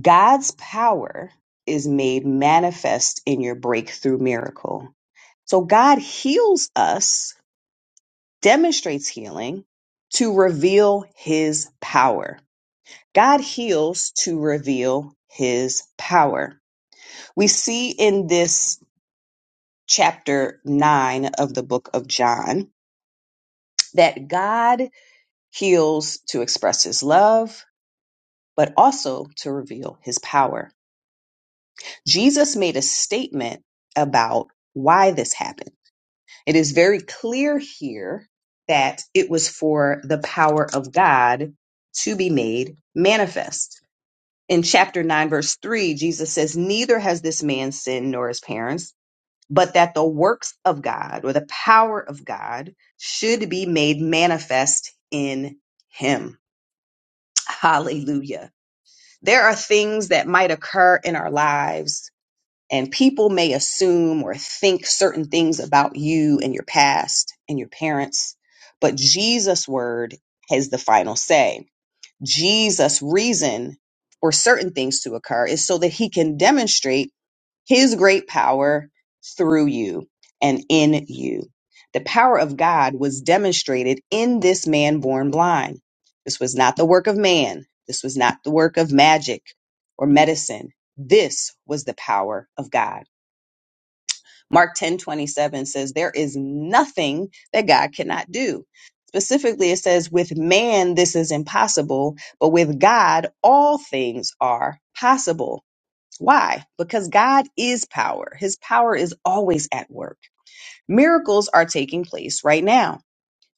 Speaker 4: God's power is made manifest in your breakthrough miracle. So, God heals us demonstrates healing to reveal his power. God heals to reveal his power. We see in this chapter 9 of the book of John that God heals to express his love, but also to reveal his power. Jesus made a statement about why this happened. It is very clear here that it was for the power of God to be made manifest. In chapter 9, verse 3, Jesus says, Neither has this man sinned nor his parents, but that the works of God or the power of God should be made manifest in him. Hallelujah. There are things that might occur in our lives and people may assume or think certain things about you and your past and your parents, but Jesus' word has the final say. Jesus' reason for certain things to occur is so that he can demonstrate his great power through you and in you. The power of God was demonstrated in this man born blind. This was not the work of man. This was not the work of magic or medicine. This was the power of God. Mark 10 27 says, There is nothing that God cannot do. Specifically, it says, With man, this is impossible, but with God, all things are possible. Why? Because God is power. His power is always at work. Miracles are taking place right now.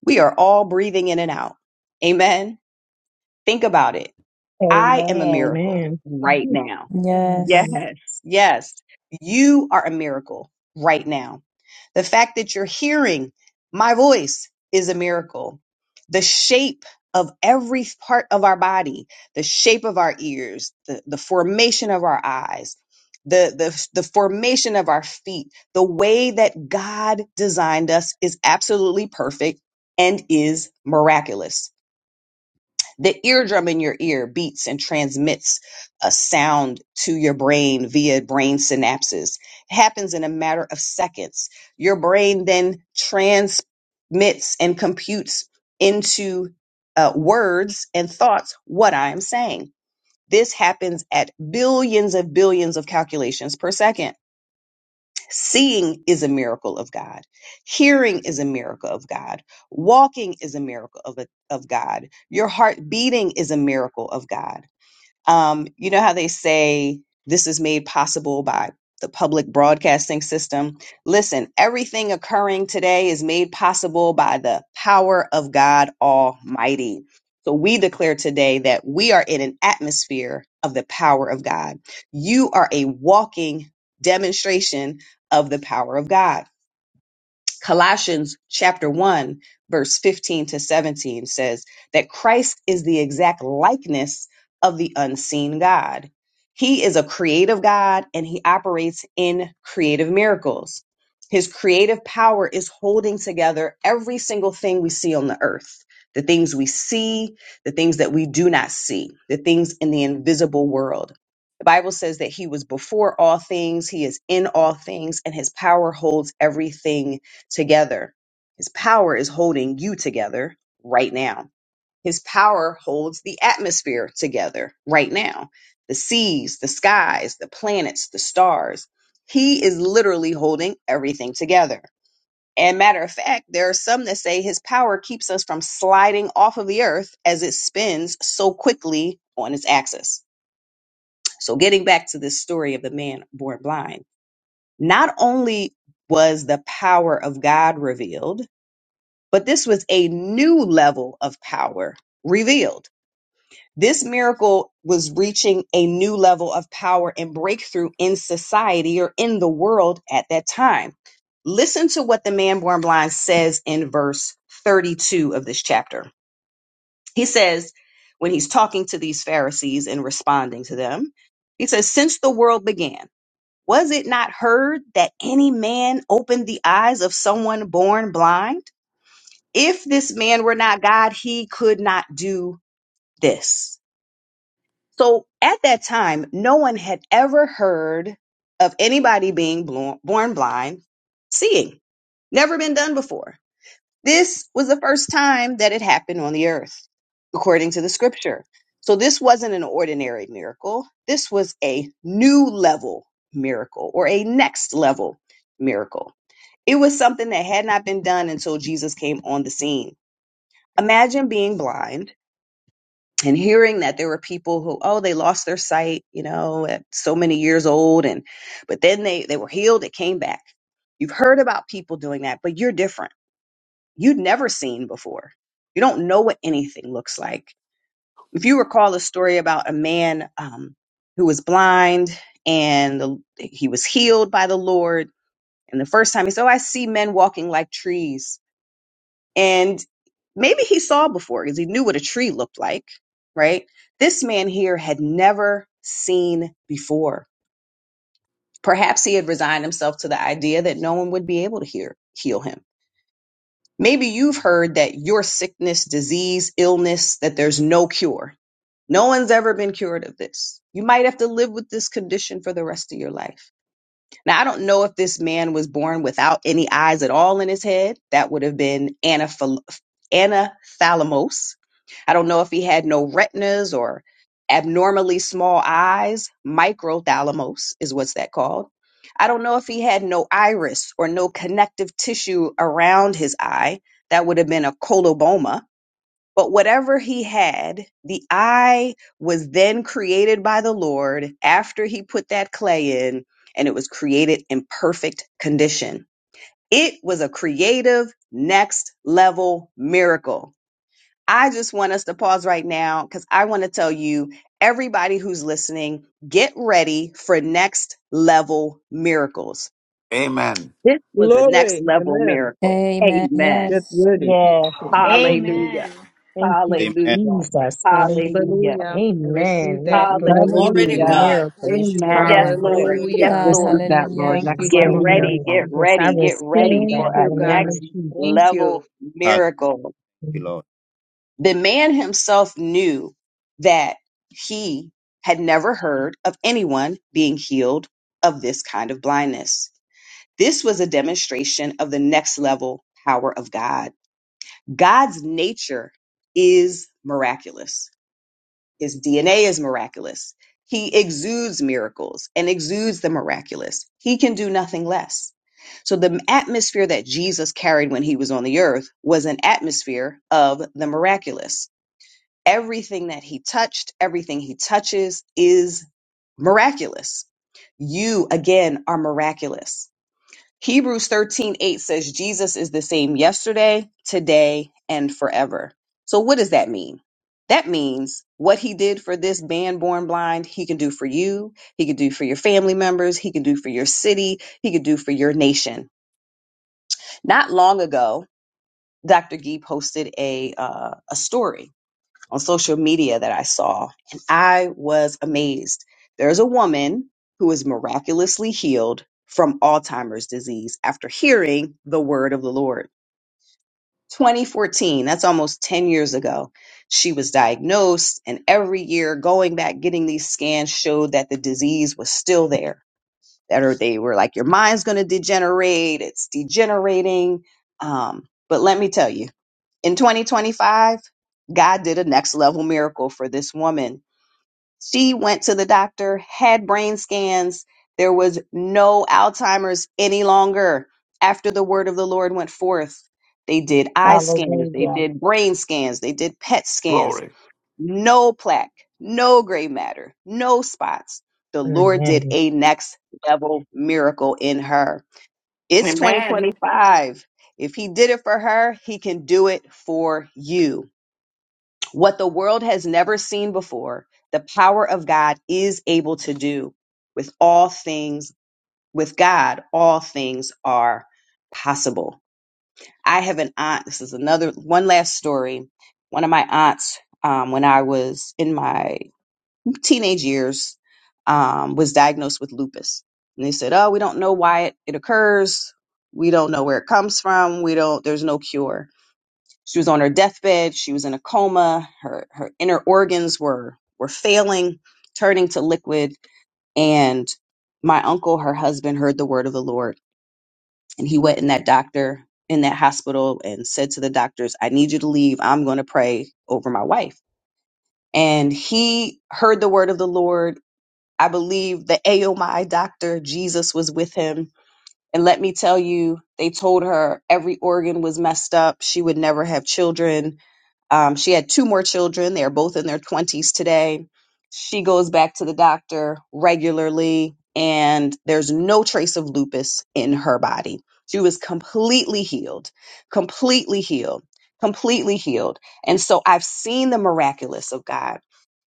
Speaker 4: We are all breathing in and out. Amen. Think about it. I am a
Speaker 5: Amen.
Speaker 4: miracle
Speaker 9: Amen.
Speaker 4: right now. Yes.
Speaker 9: Mhm.
Speaker 8: Yes.
Speaker 4: Yes. You are a miracle right now. The fact that you're hearing my voice is a miracle. The shape of every part of our body, the shape of our ears, the, the formation of our eyes, the, the, the formation of our feet, the way that God designed us is absolutely perfect and is miraculous the eardrum in your ear beats and transmits a sound to your brain via brain synapses. It happens in a matter of seconds. Your brain then transmits and computes into uh, words and thoughts what I am saying. This happens at billions of billions of calculations per second. Seeing is a miracle of God. Hearing is a miracle of God. Walking is a miracle of, of God. Your heart beating is a miracle of God. Um, you know how they say this is made possible by the public broadcasting system? Listen, everything occurring today is made possible by the power of God Almighty. So we declare today that we are in an atmosphere of the power of God. You are a walking demonstration of the power of God. Colossians chapter 1 verse 15 to 17 says that Christ is the exact likeness of the unseen God. He is a creative God and he operates in creative miracles. His creative power is holding together every single thing we see on the earth. The things we see, the things that we do not see, the things in the invisible world. The Bible says that he was before all things, he is in all things, and his power holds everything together. His power is holding you together right now. His power holds the atmosphere together right now. The seas, the skies, the planets, the stars. He is literally holding everything together. And matter of fact, there are some that say his power keeps us from sliding off of the earth as it spins so quickly on its axis. So, getting back to this story of the man born blind, not only was the power of God revealed, but this was a new level of power revealed. This miracle was reaching a new level of power and breakthrough in society or in the world at that time. Listen to what the man born blind says in verse 32 of this chapter. He says, when he's talking to these Pharisees and responding to them, he says, Since the world began, was it not heard that any man opened the eyes of someone born blind? if this man were not God, he could not do this. So at that time, no one had ever heard of anybody being blo- born blind seeing. Never been done before. This was the first time that it happened on the earth, according to the scripture. So this wasn't an ordinary miracle. This was a new level miracle or a next level miracle. It was something that had not been done until Jesus came on the scene. Imagine being blind and hearing that there were people who oh they lost their sight you know at so many years old and but then they they were healed it came back you've heard about people doing that but you're different you'd never seen before you don't know what anything looks like if you recall the story about a man um, who was blind and the, he was healed by the lord and the first time he said oh i see men walking like trees and maybe he saw before because he knew what a tree looked like, right? This man here had never seen before. Perhaps he had resigned himself to the idea that no one would be able to hear, heal him. Maybe you've heard that your sickness, disease, illness, that there's no cure. No one's ever been cured of this. You might have to live with this condition for the rest of your life. Now, I don't know if this man was born without any eyes at all in his head. That would have been anaphal- anathalamos, I don't know if he had no retinas or abnormally small eyes. Microthalamus is what's that called. I don't know if he had no iris or no connective tissue around his eye. That would have been a coloboma. But whatever he had, the eye was then created by the Lord after he put that clay in, and it was created in perfect condition. It was a creative, next level miracle I just want us to pause right now because I want to tell you, everybody who's listening, get ready for next level miracles.
Speaker 1: Amen.
Speaker 4: This was a next
Speaker 7: Glory.
Speaker 4: level
Speaker 7: Amen.
Speaker 4: miracle.
Speaker 8: Amen.
Speaker 4: Amen.
Speaker 7: Get
Speaker 8: Yes.
Speaker 7: ready.
Speaker 5: Yes.
Speaker 4: Hallelujah.
Speaker 6: Amen.
Speaker 9: Thank you,
Speaker 2: Amen.
Speaker 4: Hallelujah.
Speaker 9: Jesus. Hallelujah.
Speaker 4: Hallelujah.
Speaker 11: Hallelujah. I receive
Speaker 9: Amen.
Speaker 11: that
Speaker 9: Next
Speaker 11: in Jesus'
Speaker 9: level
Speaker 12: Glory to
Speaker 7: Hallelujah.
Speaker 11: name.
Speaker 4: Hallelujah.
Speaker 12: God.
Speaker 9: miracles.
Speaker 12: Praise you, Lord.
Speaker 4: Yes,
Speaker 3: Amen.
Speaker 4: Lord.
Speaker 12: Hallelujah.
Speaker 4: Yes,
Speaker 11: Hallelujah.
Speaker 8: God,
Speaker 4: Lord.
Speaker 3: Receive that, Lord.
Speaker 8: hallelujah.
Speaker 11: Thank you,
Speaker 3: Next
Speaker 4: Get
Speaker 3: level
Speaker 11: Jesus.
Speaker 4: ready.
Speaker 9: Hallelujah,
Speaker 3: miracle.
Speaker 4: Get
Speaker 9: Jesus. I
Speaker 4: ready. Get
Speaker 9: receive
Speaker 4: ready
Speaker 11: Thank
Speaker 4: for
Speaker 9: that in
Speaker 4: a
Speaker 11: you,
Speaker 9: the
Speaker 11: God.
Speaker 9: name of
Speaker 4: next
Speaker 11: Thank
Speaker 9: Jesus.
Speaker 4: level
Speaker 11: you.
Speaker 2: Hallelujah,
Speaker 4: miracle.
Speaker 2: Lord.
Speaker 4: The man himself knew that he had never heard of anyone being healed of this kind of blindness. This was a demonstration of the next level power of God. God's nature is miraculous, his DNA is miraculous. He exudes miracles and exudes the miraculous. He can do nothing less. So the atmosphere that Jesus carried when he was on the earth was an atmosphere of the miraculous Everything that he touched, everything he touches is miraculous. You, again, are miraculous. Hebrews 13 8 says, Jesus is the same yesterday, today, and forever. So, what does that mean? That means what he did for this man born blind, he can do for you. He can do for your family members. He can do for your city. He can do for your nation. Not long ago, Dr. Gee posted a, uh, a story on social media that I saw, and I was amazed. There's a woman who is miraculously healed from Alzheimer's disease after hearing the word of the Lord. 2014, that's almost 10 years ago, she was diagnosed, and every year going back, getting these scans showed that the disease was still there. That or they were like, your mind's going to degenerate, it's degenerating. Um, but let me tell you, in 2025, God did a next level miracle for this woman. She went to the doctor, had brain scans. There was no Alzheimer's any longer after the word of the Lord went forth. They did eye scans, they
Speaker 5: Hallelujah.
Speaker 4: did brain scans, they did PET scans.
Speaker 1: Glory.
Speaker 4: No plaque, no gray matter, no spots. The Lord did
Speaker 9: Amen.
Speaker 4: a next level miracle in her. It's
Speaker 10: Amen.
Speaker 4: 2025. If He did it for her, He can do it for you what the world has never seen before, the power of God is able to do with all things, with God, all things are possible. I have an aunt. This is another one last story. One of my aunts, um, when I was in my teenage years, um, was diagnosed with lupus. And they said, Oh, we don't know why it, it occurs. We don't know where it comes from. We don't, there's no cure she was on her deathbed. She was in a coma. Her her inner organs were were failing, turning to liquid. And my uncle, her husband, heard the word of the Lord, and he went in that doctor in that hospital and said to the doctors, "I need you to leave. I'm going to pray over my wife." And he heard the word of the Lord. I believe the AOMI doctor, Jesus, was with him. And let me tell you, they told her every organ was messed up. She would never have children um, she had two more children. They are both in their 20s today. She goes back to the doctor regularly, and there's no trace of lupus in her body. She was completely healed, completely healed, completely healed. And so I've seen the miraculous of God.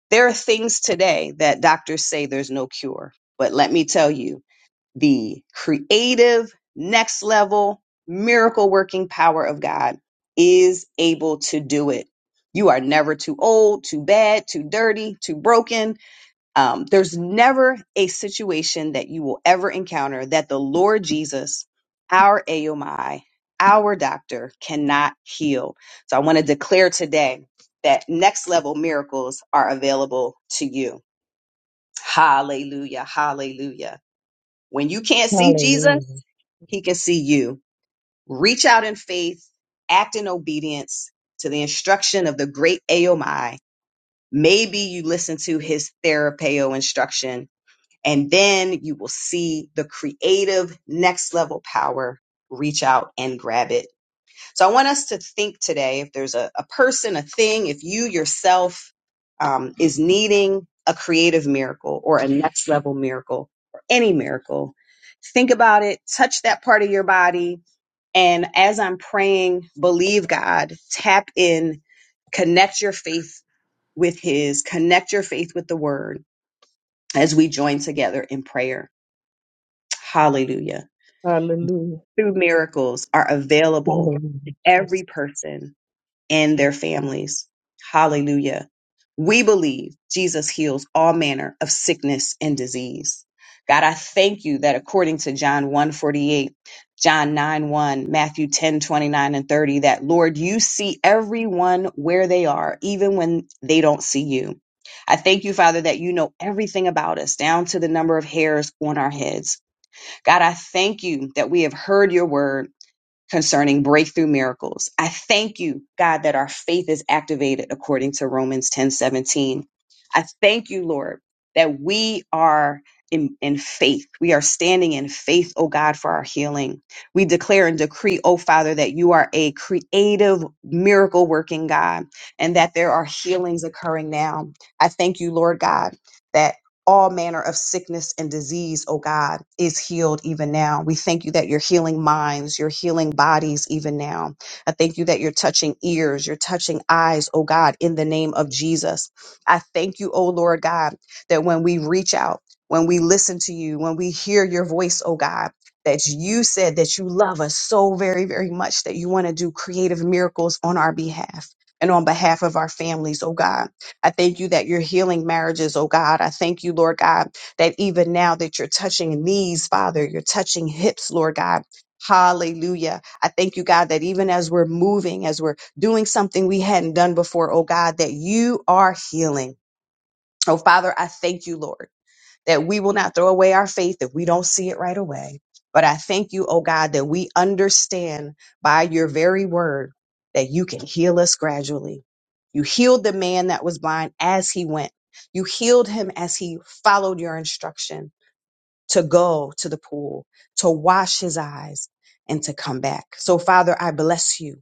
Speaker 4: There are things today that doctors say there's no cure. But let me tell you, the creative, next level, miracle working power of God is able to do it. You are never too old, too bad, too dirty, too broken. Um, there's never a situation that you will ever encounter that the Lord Jesus, our AOMI, our doctor cannot heal. So I want to declare today that next level miracles are available to you. Hallelujah. Hallelujah. When you can't see Jesus,
Speaker 9: Hallelujah.
Speaker 4: he can see you. Reach out in faith, act in obedience to the instruction of the great AOMI. Maybe you listen to his therapeo instruction, and then you will see the creative next level power. Reach out and grab it. So I want us to think today if there's a, a person, a thing, if you yourself um, is needing a creative miracle or a next level miracle or any miracle, think about it, touch that part of your body. And as I'm praying, believe God, tap in, connect your faith with His, connect your faith with the Word as we join together in prayer. Hallelujah.
Speaker 7: Hallelujah.
Speaker 4: Through miracles are available
Speaker 9: Hallelujah,
Speaker 4: to
Speaker 9: Jesus.
Speaker 4: every person and their families. Hallelujah. We believe Jesus heals all manner of sickness and disease. God, I thank you that according to John one forty eight, John 9 1, Matthew 10 29 and 30, that Lord, you see everyone where they are, even when they don't see you. I thank you, Father, that you know everything about us, down to the number of hairs on our heads. God, I thank you that we have heard your word concerning breakthrough miracles. I thank you, God, that our faith is activated according to Romans 10 17. I thank you, Lord, that we are in, in faith. We are standing in faith, oh God, for our healing. We declare and decree, oh Father, that you are a creative, miracle working God and that there are healings occurring now. I thank you, Lord God. That all manner of sickness and disease, oh God, is healed even now. We thank you that you're healing minds, you're healing bodies even now. I thank you that you're touching ears, you're touching eyes, oh God, in the name of Jesus. I thank you, oh Lord God, that when we reach out, when we listen to you, when we hear your voice, oh God, that you said that you love us so very, very much that you want to do creative miracles on our behalf and on behalf of our families, oh God. I thank you that you're healing marriages, oh God. I thank you, Lord God, that even now that you're touching knees, Father, you're touching hips, Lord God. Hallelujah. I thank you, God, that even as we're moving, as we're doing something we hadn't done before, oh God, that you are healing. Oh Father, I thank you, Lord that we will not throw away our faith if we don't see it right away. But I thank you, oh God, that we understand by your very word that you can heal us gradually. You healed the man that was blind as he went. You healed him as he followed your instruction to go to the pool, to wash his eyes, and to come back. So, Father, I bless you.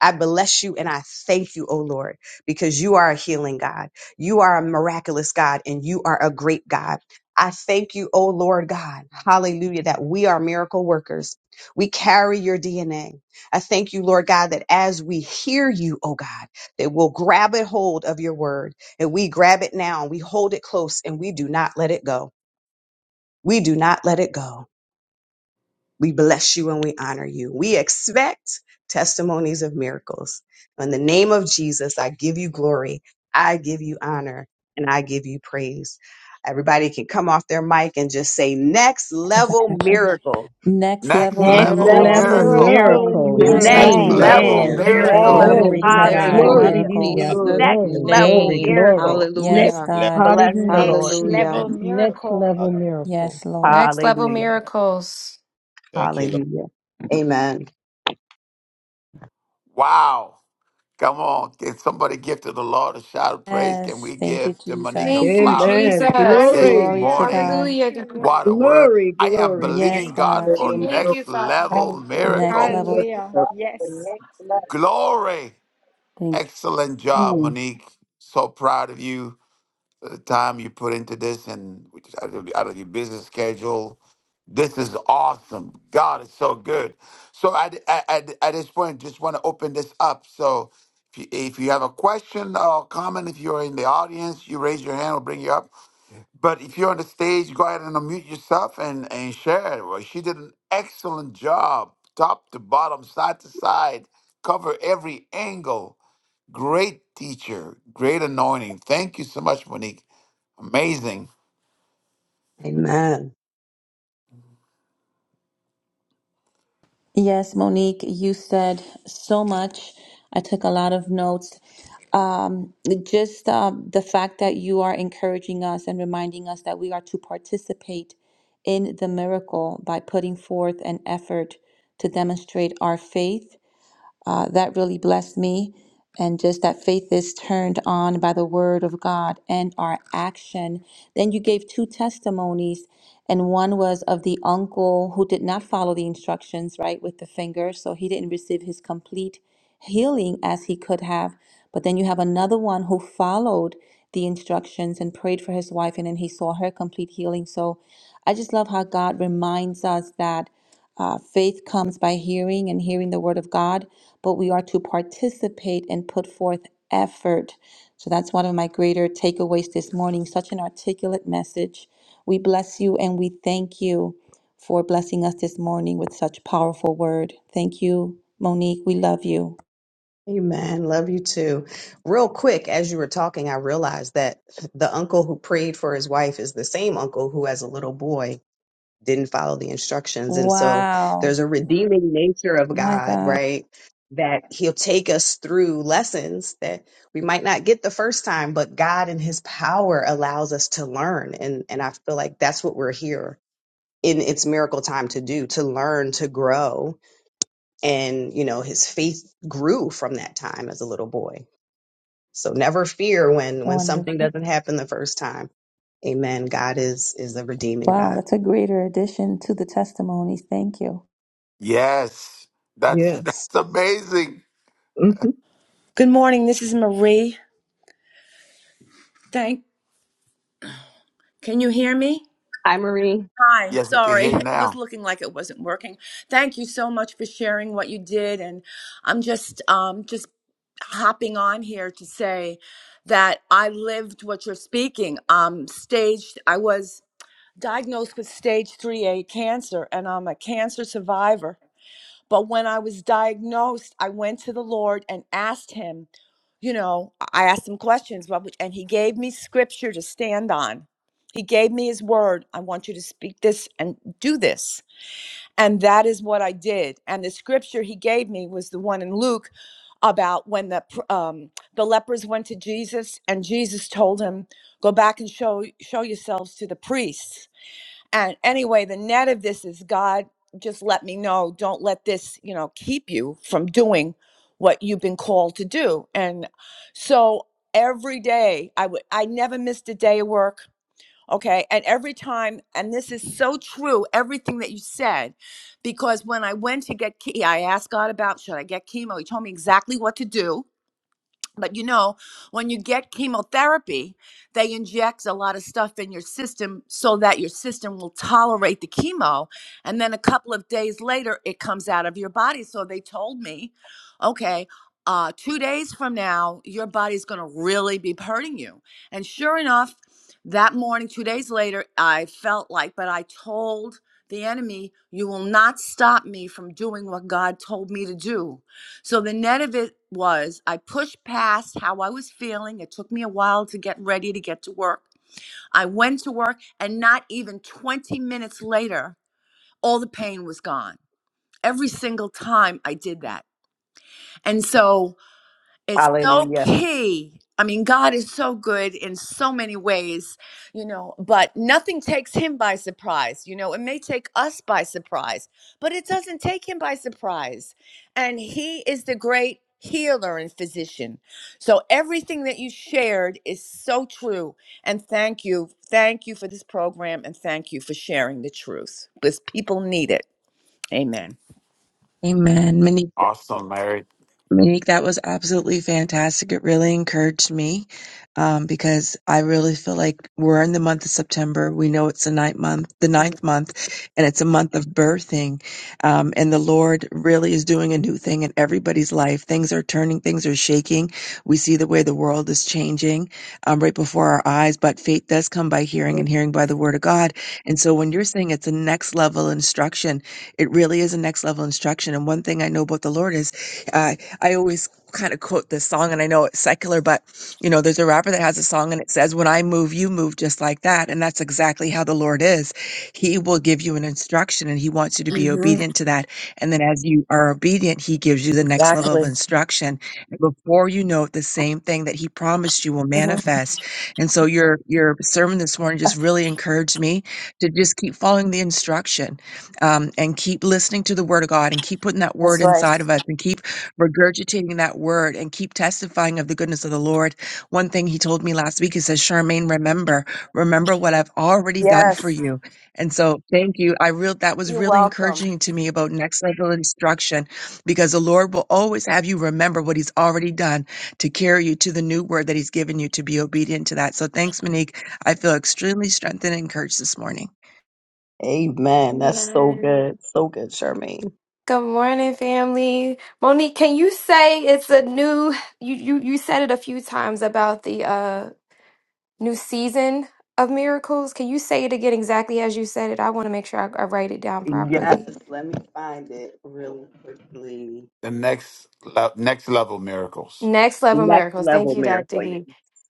Speaker 4: I bless you and I thank you, O Lord, because you are a healing God. You are a miraculous God and you are a great God. I thank you, O Lord God. Hallelujah, that we are miracle workers. We carry your DNA. I thank you, Lord God, that as we hear you, O God, that we'll grab a hold of your word and we grab it now and we hold it close and we do not let it go. We do not let it go. We bless you and we honor you. We expect testimonies of miracles. In the name of Jesus, I give you glory. I give you honor and I give you praise. Everybody can come off their mic and just say, next level miracle.
Speaker 8: Next
Speaker 1: Next
Speaker 8: level
Speaker 5: Next
Speaker 9: Next
Speaker 1: level
Speaker 5: level
Speaker 7: Next
Speaker 9: level
Speaker 8: miracles.
Speaker 1: miracle.
Speaker 5: miracle
Speaker 7: level
Speaker 5: in
Speaker 9: miracles.
Speaker 8: My
Speaker 5: Jesus'
Speaker 3: Next
Speaker 4: Next
Speaker 8: God,
Speaker 2: Next
Speaker 3: level
Speaker 1: Next
Speaker 7: miracle.
Speaker 5: name.
Speaker 2: level
Speaker 1: level
Speaker 4: level
Speaker 3: miracle.
Speaker 9: Amen.
Speaker 2: miracle.
Speaker 11: Next
Speaker 8: so
Speaker 5: Yes,
Speaker 1: miracle.
Speaker 4: miracle.
Speaker 8: good.
Speaker 5: in
Speaker 9: Glory
Speaker 7: Amen.
Speaker 11: level
Speaker 9: to
Speaker 5: Jesus'
Speaker 8: Next
Speaker 9: God.
Speaker 8: level
Speaker 11: miracle
Speaker 5: name.
Speaker 7: Glory.
Speaker 11: in
Speaker 4: Hallelujah.
Speaker 9: Hallelujah.
Speaker 8: miracles.
Speaker 11: Jesus'
Speaker 7: Glory.
Speaker 4: Next
Speaker 2: Hallelujah.
Speaker 9: Glory,
Speaker 4: level
Speaker 9: glory,
Speaker 11: name.
Speaker 9: glory.
Speaker 4: miracle.
Speaker 2: Next
Speaker 13: Next,
Speaker 8: Yes,
Speaker 11: Hallelujah.
Speaker 2: level.
Speaker 8: God.
Speaker 4: Bless the
Speaker 9: Hallelujah,
Speaker 4: Lord.
Speaker 6: Next
Speaker 2: Thank
Speaker 11: Hallelujah.
Speaker 6: level
Speaker 9: Jesus.
Speaker 2: you, Lord.
Speaker 9: Next
Speaker 6: miracle.
Speaker 2: Hallelujah.
Speaker 9: level miracle.
Speaker 8: Yes, Lord.
Speaker 14: Next level
Speaker 4: Hallelujah.
Speaker 14: miracles.
Speaker 2: Thank you, Lord.
Speaker 4: Hallelujah. Amen.
Speaker 1: Wow. Come on. Can somebody give to the Lord a shout of praise? Can
Speaker 8: Yes.
Speaker 1: we
Speaker 8: Thank you,
Speaker 1: give to Monique her
Speaker 8: Jesus.
Speaker 14: Thank you,
Speaker 1: flowers
Speaker 7: Amen.
Speaker 14: Jesus.
Speaker 1: this
Speaker 7: Glory.
Speaker 8: Glory to
Speaker 6: Hallelujah.
Speaker 1: morning?
Speaker 8: God.
Speaker 6: Thank
Speaker 14: Hallelujah.
Speaker 6: you,
Speaker 14: God.
Speaker 1: What a
Speaker 6: Lord.
Speaker 1: word.
Speaker 7: Glory.
Speaker 1: I am
Speaker 7: Glory.
Speaker 8: Yes,
Speaker 1: believing
Speaker 6: Thank
Speaker 1: God
Speaker 6: you,
Speaker 8: God.
Speaker 1: for
Speaker 14: Thank
Speaker 6: Jesus.
Speaker 14: you,
Speaker 1: next
Speaker 14: Father.
Speaker 1: level
Speaker 5: And in the
Speaker 8: Next level.
Speaker 1: miracles.
Speaker 5: leading
Speaker 6: Hallelujah.
Speaker 5: Father for
Speaker 6: Yes.
Speaker 5: next level.
Speaker 1: Glory.
Speaker 13: thank
Speaker 1: Excellent job,
Speaker 5: Mm.
Speaker 1: Monique. So proud of you. the time you put into this and which is out of, out of your business schedule. This is awesome. God is so good. So at, at, at this point, just want to open this up. So if you, if you have a question or comment, if you're in the audience, you raise your hand, we'll bring you up. But if you're on the stage, go ahead and unmute yourself and, and share it. Well, she did an excellent job, top to bottom, side to side, cover every angle. Great teacher, great anointing. Thank you so much, Monique. Amazing.
Speaker 4: Amen.
Speaker 8: Yes, Monique, you said so much. I took a lot of notes. Um, just um, the fact that you are encouraging us and reminding us that we are to participate in the miracle by putting forth an effort to demonstrate our faith Uh, that really blessed me. And just that faith is turned on by the word of God and our action. Then you gave two testimonies, and one was of the uncle who did not follow the instructions, right, with the finger. So he didn't receive his complete healing as he could have. But then you have another one who followed the instructions and prayed for his wife, and then he saw her complete healing. So I just love how God reminds us that uh, faith comes by hearing and hearing the word of God, but we are to participate and put forth effort. So that's one of my greater takeaways this morning. Such an articulate message. We bless you and we thank you for blessing us this morning with such powerful word. Thank you, Monique. We love you.
Speaker 4: Amen. Love you too. Real quick, as you were talking, I realized that the uncle who prayed for his wife is the same uncle who has a little boy didn't follow the instructions. And so
Speaker 8: Wow.
Speaker 4: there's a redeeming nature of
Speaker 8: My
Speaker 4: God,
Speaker 8: God.
Speaker 4: right? That he'll take us through lessons that we might not get the first time, but God in his power allows us to learn. And, and I feel like that's what we're here in its miracle time to do, to learn, to grow. And, you know, his faith grew from that time as a little boy. So never fear when, when something
Speaker 8: Wonderful.
Speaker 4: doesn't happen the first time Amen. God is is a redeeming
Speaker 8: Wow.
Speaker 4: God.
Speaker 8: That's a greater addition to the testimonies. Thank you.
Speaker 1: Yes. That's
Speaker 7: Yes.
Speaker 1: that's amazing.
Speaker 12: Good morning. This is Marie. Thank. Can you hear me?
Speaker 4: Hi, Marie.
Speaker 12: Hi.
Speaker 1: Yes, we can
Speaker 12: Sorry,
Speaker 1: hear you
Speaker 12: it was
Speaker 1: now.
Speaker 12: looking like it wasn't working. Thank you so much for sharing what you did, and I'm just um just hopping on here to say that I lived what you're speaking. Um, staged. I was diagnosed with stage 3A cancer, and I'm a cancer survivor. But when I was diagnosed, I went to the Lord and asked Him, you know, I asked Him questions, what would- and He gave me scripture to stand on. He gave me His word. I want you to speak this and do this. And that is what I did. And the scripture He gave me was the one in Luke about when the, pr- um, the lepers went to Jesus and Jesus told him, go back and show, show yourselves to the priests and anyway, the net of this is God, just let me know. Don't let this, you know, keep you from doing what you've been called to do. And so every day I would, I never missed a day of work. Okay. And every time, and this is so true, everything that you said, because when I went to get, ke- I asked God about should I get chemo? He told me exactly what to do but you know, when you get chemotherapy, they inject a lot of stuff in your system so that your system will tolerate the chemo. And then a couple of days later, it comes out of your body. So they told me, okay, uh, two days from now, your body's going to really be hurting you. And sure enough, that morning, two days later, I felt like, but I told the enemy, you will not stop me from doing what God told me to do so the net of it was I pushed past how I was feeling. It took me a while to get ready to get to work. I went to work, and not even 20 minutes later, all the pain was gone. Every single time I did that. And so it's so
Speaker 4: Hallelujah.
Speaker 12: key. I mean, God is so good in so many ways, you know, but nothing takes him by surprise. You know, it may take us by surprise, but it doesn't take him by surprise. And he is the great healer and physician. So everything that you shared is so true. And thank you. Thank you for this program and thank you for sharing the truth because people need it. Amen.
Speaker 3: Amen.
Speaker 1: Awesome, Mary.
Speaker 3: Monique, that was absolutely fantastic. It really encouraged me um, because I really feel like we're in the month of September. We know it's the ninth month, the
Speaker 12: Mhm.
Speaker 3: ninth month, and it's a month of birthing. Um, and the Lord really is doing a new thing in everybody's life. Things are turning, things are shaking. We see the way the world is changing um, right before our eyes. But faith does come by hearing, and hearing by the Word of God. And so when you're saying it's a next level instruction, it really is a next level instruction. And one thing I know about the Lord is. uh, I always kind of quote this song, and I know it's secular, but you know, there's a rapper that has a song and it says, When I move, you move just like that. And that's exactly how the Lord is. He will give you an instruction and He wants you to be
Speaker 12: Mhm.
Speaker 3: obedient to that. And then as you are obedient, He gives you the next level of
Speaker 12: Exactly.
Speaker 3: instruction. And before you know it, the same thing that He promised you will
Speaker 12: Mhm.
Speaker 3: manifest. And so your your sermon this morning just really encouraged me to just keep following the instruction um, and keep listening to the word of God and keep putting that
Speaker 12: That's
Speaker 3: word
Speaker 12: right.
Speaker 3: inside of us and keep regurgitating that word and keep testifying of the goodness of the Lord. One thing he told me last week, he says, Charmaine, remember, remember what I've already done
Speaker 12: Yes.
Speaker 3: for you. And so thank you. I real that was
Speaker 12: You're
Speaker 3: really
Speaker 12: welcome.
Speaker 3: encouraging to me about next level instruction because the Lord will always have you remember what he's already done to carry you to the new word that he's given you to be obedient to that. So thanks, Monique. I feel extremely strengthened and encouraged this morning.
Speaker 4: Amen. That's so
Speaker 14: Amen.
Speaker 4: good. So good, Charmaine.
Speaker 14: Good morning, family. Monique, can you say it's a new you you you said it a few times about the uh new season of miracles. Can you say it again exactly as you said it? I want to make sure I, I write it down properly.
Speaker 4: Yes. Let me find it really quickly.
Speaker 1: The next le- next level miracles.
Speaker 14: Next level
Speaker 4: Next
Speaker 14: miracles. Thank
Speaker 4: level
Speaker 14: you,
Speaker 4: miracle.
Speaker 14: Dr. Gee.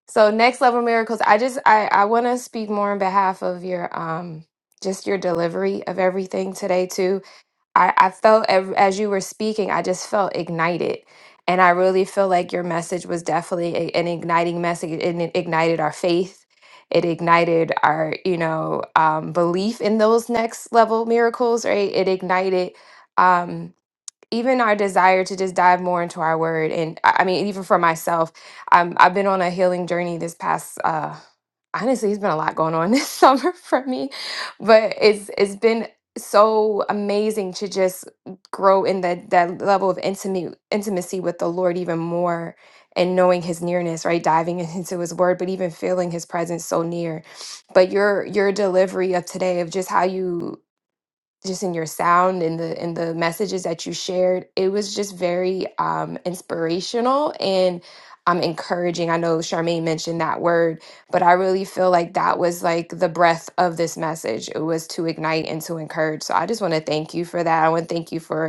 Speaker 14: So next level miracles. I just I I want to speak more on behalf of your um just your delivery of everything today too. I I felt ev- as you were speaking, I just felt ignited. And I really feel like your message was definitely a- an igniting message and it ignited our faith. It ignited our, you know, um, belief in those next level miracles, right? It ignited um even our desire to just dive more into our word and i I mean even for myself um, i've been on a healing journey this past uh honestly it's been a lot going on this summer for me but it's it's been so amazing to just grow in that that level of intimate intimacy with the lord even more and knowing his nearness right diving into his word but even feeling his presence so near but your your delivery of today of just how you just in your sound in the in the messages that you shared it was just very um inspirational and um encouraging i know charmaine mentioned that word but i really feel like that was like the breath of this message it was to ignite and to encourage so i just want to thank you for that i want to thank you for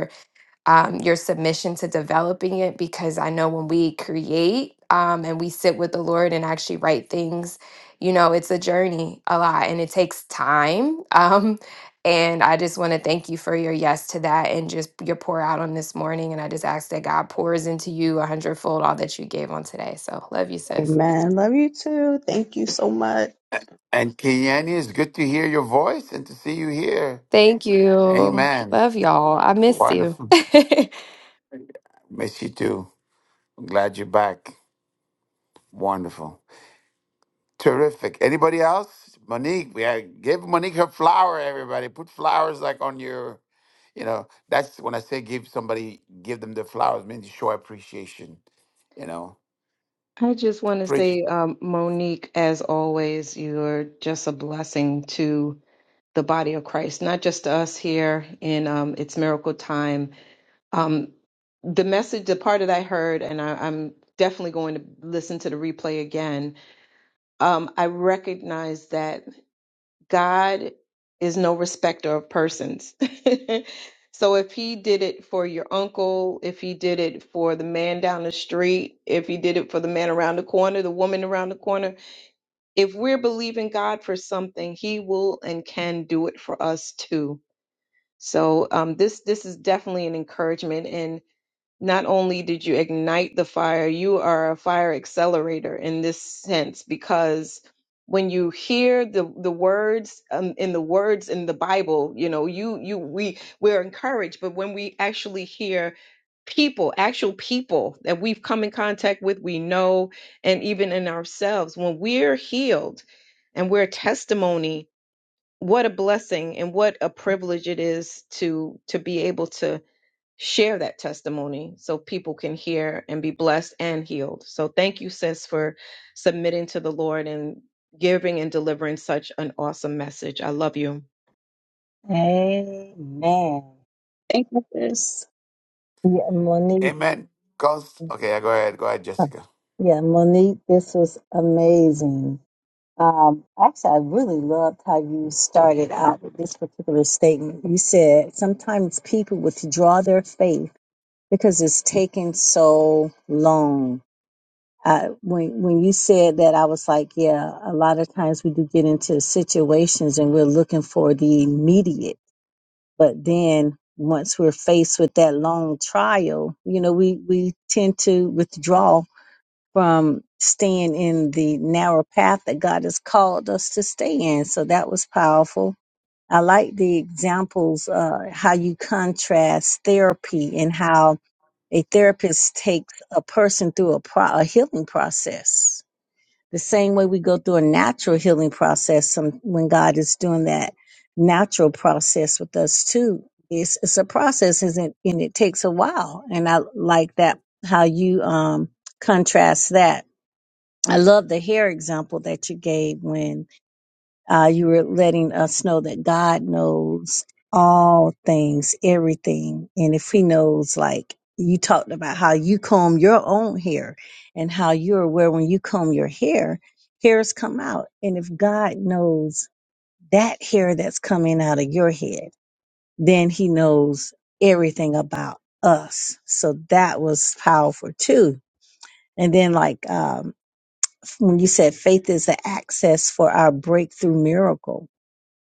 Speaker 14: um, your submission to developing it because I know when we create um, and we sit with the Lord and actually write things, you know, it's a journey a lot and it takes time. Um, and I just want to thank you for your yes to that and just your pour out on this morning. And I just ask that God pours into you a hundredfold all that you gave on today. So love you, sis.
Speaker 4: Amen. Love you too. Thank you so much.
Speaker 1: And Kiani, it's good to hear your voice and to see you here.
Speaker 14: Thank you.
Speaker 1: Amen.
Speaker 14: Love y'all. I miss you.
Speaker 1: Wonderful. Miss you too. I'm glad you're back. Wonderful. Terrific. Anybody else? Monique, we had, give Monique her flower, everybody. Put flowers like on your, you know, that's when I say give somebody, give them the flowers, means you show appreciation, you know.
Speaker 11: I just want to
Speaker 1: Preach.
Speaker 11: say, um, Monique, as always, you're just a blessing to the body of Christ, not just to us here in um, It's Miracle Time, Um, the message, the part that I heard, and I, I'm definitely going to listen to the replay again. Um, I recognize that God is no respecter of persons. so if He did it for your uncle, if He did it for the man down the street, if He did it for the man around the corner, the woman around the corner, if we're believing God for something, He will and can do it for us too. So um, this this is definitely an encouragement, not only did you ignite the fire, you are a fire accelerator in this sense because when you hear the the words um, in the words in the Bible, you know, you you we we're encouraged, but when we actually hear people, actual people that we've come in contact with, we know, and even in ourselves, when we're healed and we're testimony, what a blessing and what a privilege it is to to be able to share that testimony so people can hear and be blessed and healed. So thank you, sis, for submitting to the Lord and giving and delivering such an awesome message. I love you.
Speaker 5: Amen.
Speaker 4: Thank you, sis.
Speaker 5: Yeah, Monique.
Speaker 1: Amen. Const- okay, yeah, go ahead. Go ahead,
Speaker 5: uh,
Speaker 1: Jessica.
Speaker 5: Yeah, Monique, this was amazing. Um, actually, I really loved how you started out with this particular statement. You said sometimes people withdraw their faith because it's taking so long. Uh, when when you said that, I was like, yeah. A lot of times we do get into situations and we're looking for the immediate, but then once we're faced with that long trial, you know, we we tend to withdraw from staying in the narrow path that God has called us to stay in. So that was powerful. I like the examples uh, how you contrast therapy and how a therapist takes a person through a, pro- a healing process. The same way we go through a natural healing process some, when God is doing that natural process with us too. It's, it's a process isn't, it? and it takes a while. And I like that, how you, um, contrast that. I love the hair example that you gave when uh, you were letting us know that God knows all things, everything. And if He knows, like you talked about how you comb your own hair and how you're aware when you comb your hair, hairs come out. And if God knows that hair that's coming out of your head, then He knows everything about us. So that was powerful too. And then, like, um, when you said faith is the access for our breakthrough miracle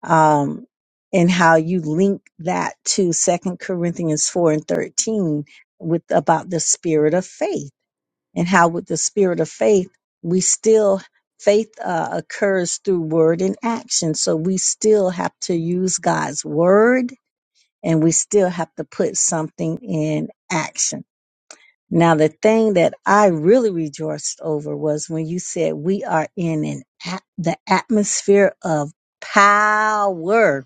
Speaker 5: um, and how you link that to Second Corinthians four and thirteen with about the spirit of faith and how with the spirit of faith we still faith uh, occurs through word and action, so we still have to use God's word and we still have to put something in action. Now, the thing that I really rejoiced over was when you said we are in an at- the atmosphere of power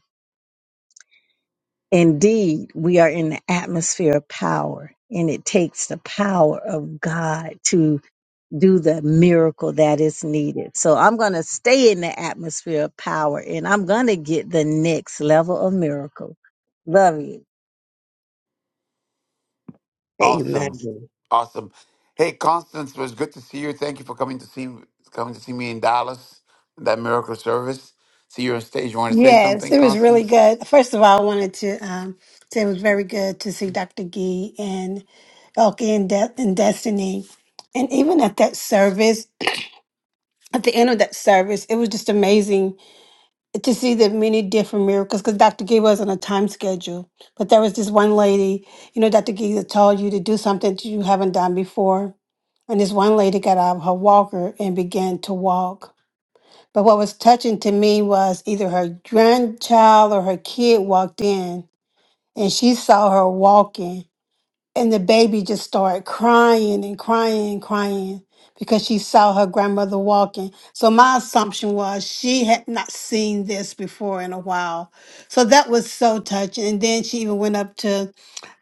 Speaker 5: Indeed, we are in the atmosphere of power, and it takes the power of God to do the miracle that is needed. So I'm going to stay in the atmosphere of power, and I'm going to get the next level of miracle. Love you.
Speaker 1: Awesome.
Speaker 4: Amen.
Speaker 1: Awesome. Hey, Constance, it was good to see you. Thank you for coming to see coming to see me in Dallas, that miracle service. See you on stage. You want to say
Speaker 15: Yes,
Speaker 1: something,
Speaker 15: it was really
Speaker 1: Constance?
Speaker 15: good. First of all, I wanted to um, say it was very good to see Dr. Gee and Elke and, De- and Destiny. And even at that service, at the end of that service, it was just amazing to see the many different miracles because Dr. Gee was not a time schedule. But there was this one lady, you know, Dr. Gee that told you to do something that you haven't done before. And this one lady got out of her walker and began to walk. But what was touching to me was either her grandchild or her kid walked in and she saw her walking. And the baby just started crying and crying and crying because she saw her grandmother walking. So my assumption was she had not seen this before in a while. So that was so touching. And then she even went up to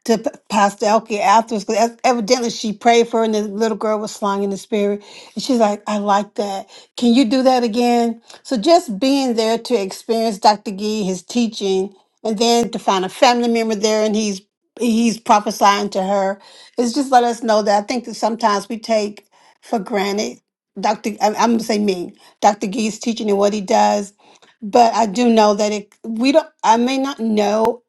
Speaker 15: to P- Pastor Elke afterwards because evidently she prayed for her and the little girl was slung in the spirit. And she's like, I like that. Can you do that again? So just being there to experience Dr. Gee, his teaching, and then to find a family member there and he's he's prophesying to her. It's just let us know that I think that sometimes we take for granted Dr. I- I'm gonna say me, Dr. Gee's teaching and what he does. But I do know that it we don't I may not know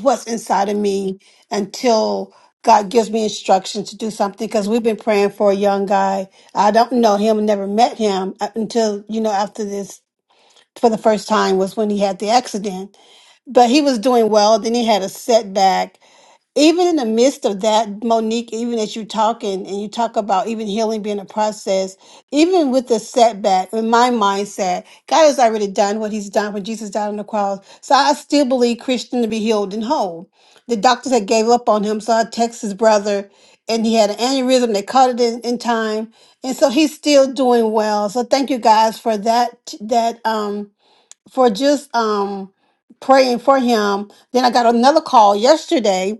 Speaker 15: what's inside of me until God gives me instructions to do something because we've been praying for a young guy. I don't know him, never met him uh, until, you know, after this for the first time was when he had the accident. But he was doing well. Then he had a setback even in the midst of that, Monique, even as you talking and you talk about even healing being a process, even with the setback, in my mindset, God has already done what He's done when Jesus died on the cross. So I still believe Christian to be healed and whole. The doctors had gave up on him, so I text his brother, and he had an aneurysm. They caught it in, in time, and so he's still doing well. So thank you guys for that. That um for just um praying for him. Then I got another call yesterday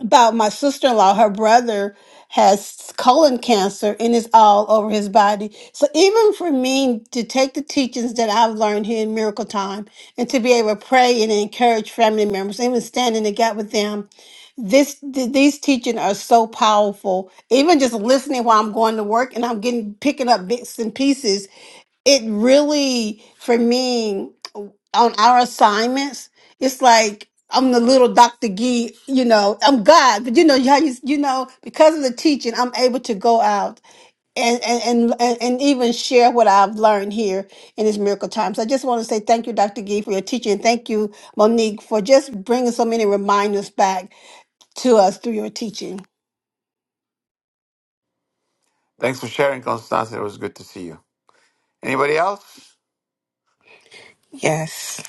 Speaker 15: about my sister-in-law her brother has colon cancer and it's all over his body so even for me to take the teachings that i've learned here in miracle time and to be able to pray and encourage family members even stand in the gap with them this th- these teaching are so powerful even just listening while i'm going to work and i'm getting picking up bits and pieces it really for me on our assignments it's like i'm the little dr gee you know i'm god but you know how you, you know because of the teaching i'm able to go out and and, and and even share what i've learned here in this miracle time so i just want to say thank you dr gee for your teaching thank you monique for just bringing so many reminders back to us through your teaching
Speaker 1: Thanks for sharing, Constance. It was good to see you. Anybody else?
Speaker 10: Yes.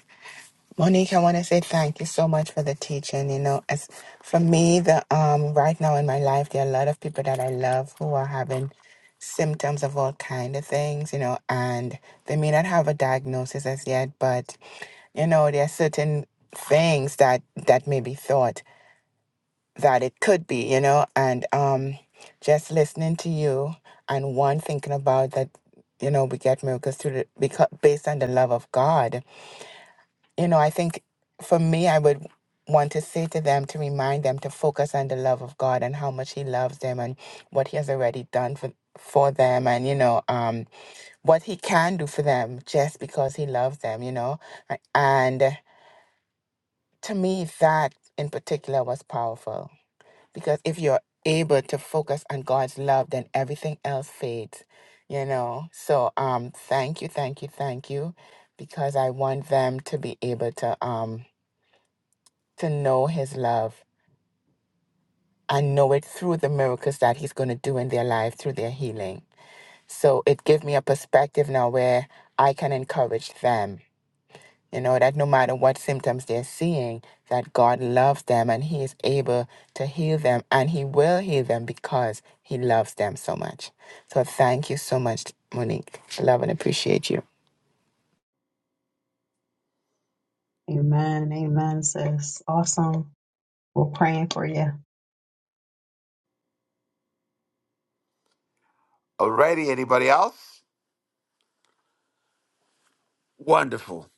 Speaker 10: Monique, I want to say thank you so much for the teaching. You know, as for me, the um right now in my life, there are a lot of people that I love who are having symptoms of all kind of things. You know, and they may not have a diagnosis as yet, but you know, there are certain things that that may be thought that it could be. You know, and um, just listening to you and one thinking about that, you know, we get miracles through the, because based on the love of God you know, I think for me, I would want to say to them to remind them to focus on the love of God and how much He loves them and what He has already done for for them and you know um what he can do for them just because he loves them you know A- and to me that in particular was powerful because if you're able to focus on God's love then everything else fades you know so um thank you thank you thank you because I want them to be able to um to know his love and know it through the miracles that he's going to do in their life through their healing. So it gave me a perspective now where I can encourage them, you know, that no matter what symptoms they're seeing, that God loves them and he is able to heal them and he will heal them because he loves them so much. So thank you so much, Monique. Love and appreciate you.
Speaker 4: Amen. Amen, sis. Awesome. We're praying for you.
Speaker 1: Alrighty, anybody else? Wonderful.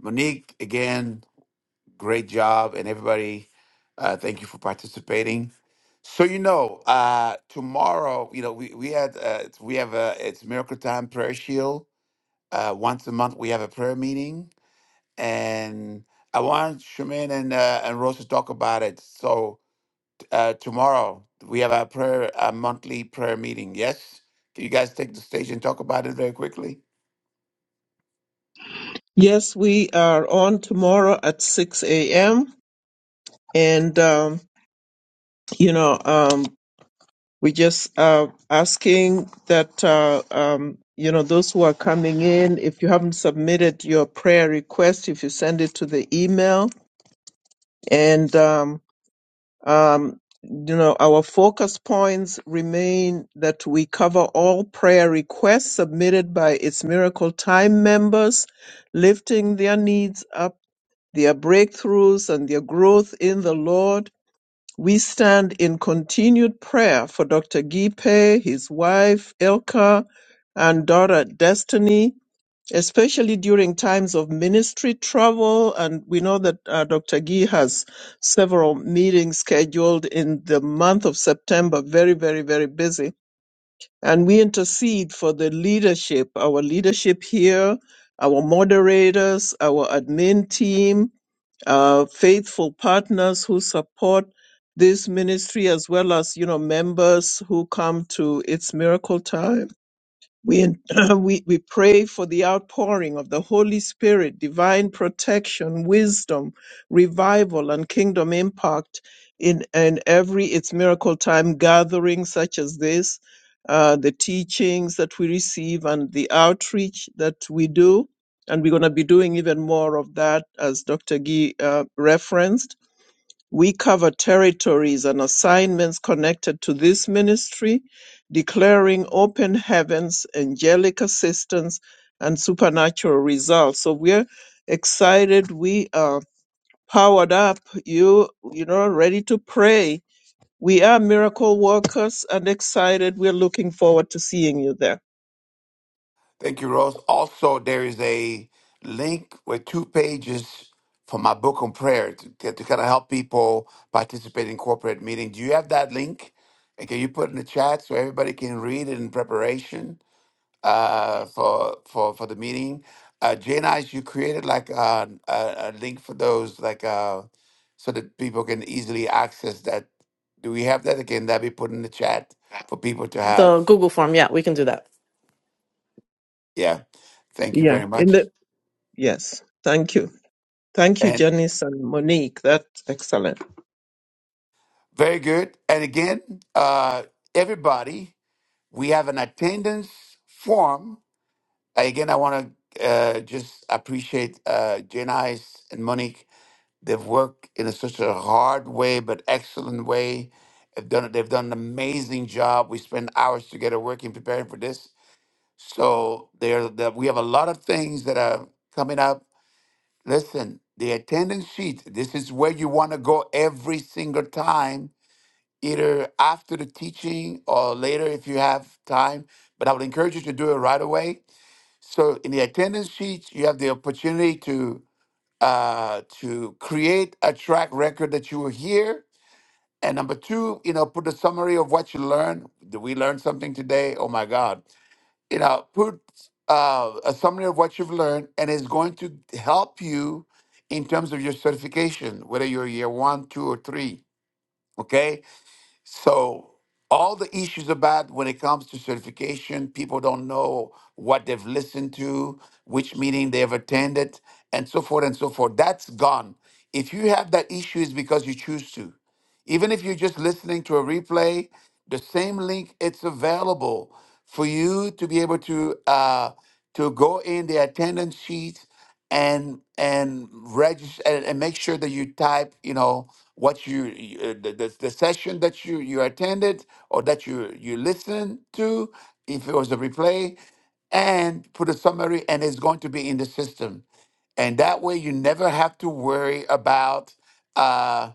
Speaker 1: Monique, again, great job. And everybody, uh, thank you for participating. So you know, uh, tomorrow, you know, we, we had uh, it's- we have a it's Miracle Time Prayer Shield. Uh, once a month we have a prayer meeting. And I want Shemin and uh, and Rose to talk about it. So uh, tomorrow we have our prayer a monthly prayer meeting. Yes? Can you guys take the stage and talk about it very quickly?
Speaker 7: Yes, we are on tomorrow at 6 a.m. And, um, you know, um, we just uh, asking that, uh, um, you know, those who are coming in, if you haven't submitted your prayer request, if you send it to the email. And, um, um, you know, our focus points remain that we cover all prayer requests submitted by its Miracle Time members, lifting their needs up their breakthroughs, and their growth in the Lord. We stand in continued prayer for Dr. Gipe, his wife, Ilka, and daughter, Destiny, especially during times of ministry travel. And we know that uh, Dr. Gee has several meetings scheduled in the month of September, very, very, very busy. And we intercede for the leadership, our leadership here, our moderators, our admin team, uh, faithful partners who support this ministry as well as you know members who come to its miracle time we, we, we pray for the outpouring of the Holy Spirit, divine protection, wisdom, revival, and kingdom impact in, in every It's Miracle Time gathering such as this, uh, the teachings that we receive, and the outreach that we do. And we're going to be doing even more of that, as Dr. Gee uh, referenced we cover territories and assignments connected to this ministry, declaring open heavens, angelic assistance, and supernatural results. So we're excited. We are powered up. You you know, ready to pray we are miracle workers and excited. We're looking forward to seeing you there.
Speaker 1: Thank you, Rose. Also, there is a link with two pages for my book on prayer to, to kind of help people participate in corporate meeting. Do you have that link? And can you put in the chat so everybody can read it in preparation uh, for for for the meeting? Uh, Jay and you created like uh, a, a link for those, like uh, so that people can easily access that. Do we have that? Can that be put in the chat for people to
Speaker 16: The
Speaker 1: have?
Speaker 16: Google form, yeah, we can do that.
Speaker 1: Yeah. Thank you
Speaker 7: Yeah,
Speaker 1: very
Speaker 7: in the
Speaker 1: much.
Speaker 7: Yes. Thank you. Thank you, Janice and Monique. That's excellent.
Speaker 1: Very good. And again, uh, everybody, we have an attendance form. Again, I want to uh, just appreciate uh, Janice and Monique. They've worked in a, such a hard way, but excellent way. They've done, they've done an amazing job. We spend hours together working, preparing for this. So there, the, we have a lot of things that are coming up. Listen, the attendance sheet. This is where you want to go every single time either after the teaching or later if you have time. But I would encourage you to do it right away. So in the attendance sheets, you have the opportunity to uh, to create a track record that you were here. And number two, you know, put a summary of what you learned. Did we learn something today? Oh my God! You know, put uh, a summary of what you've learned, and it's going to help you in terms of your certification, whether you're year one, two, or three. Okay so all the issues about when it comes to certification, people don't know what they've listened to, which meeting they've attended, and so forth and so forth. That's gone. If you have that issue, it's because you choose to. Even if you're just listening to a replay, the same link it's available for you to be able to uh, to go in the attendance sheet and and register and, and make sure that you type you know what you you- uh, the, the, the session that you you attended or that you you listened to if it was a replay and put a summary and it's going to be in the system and that way you never have to worry about uh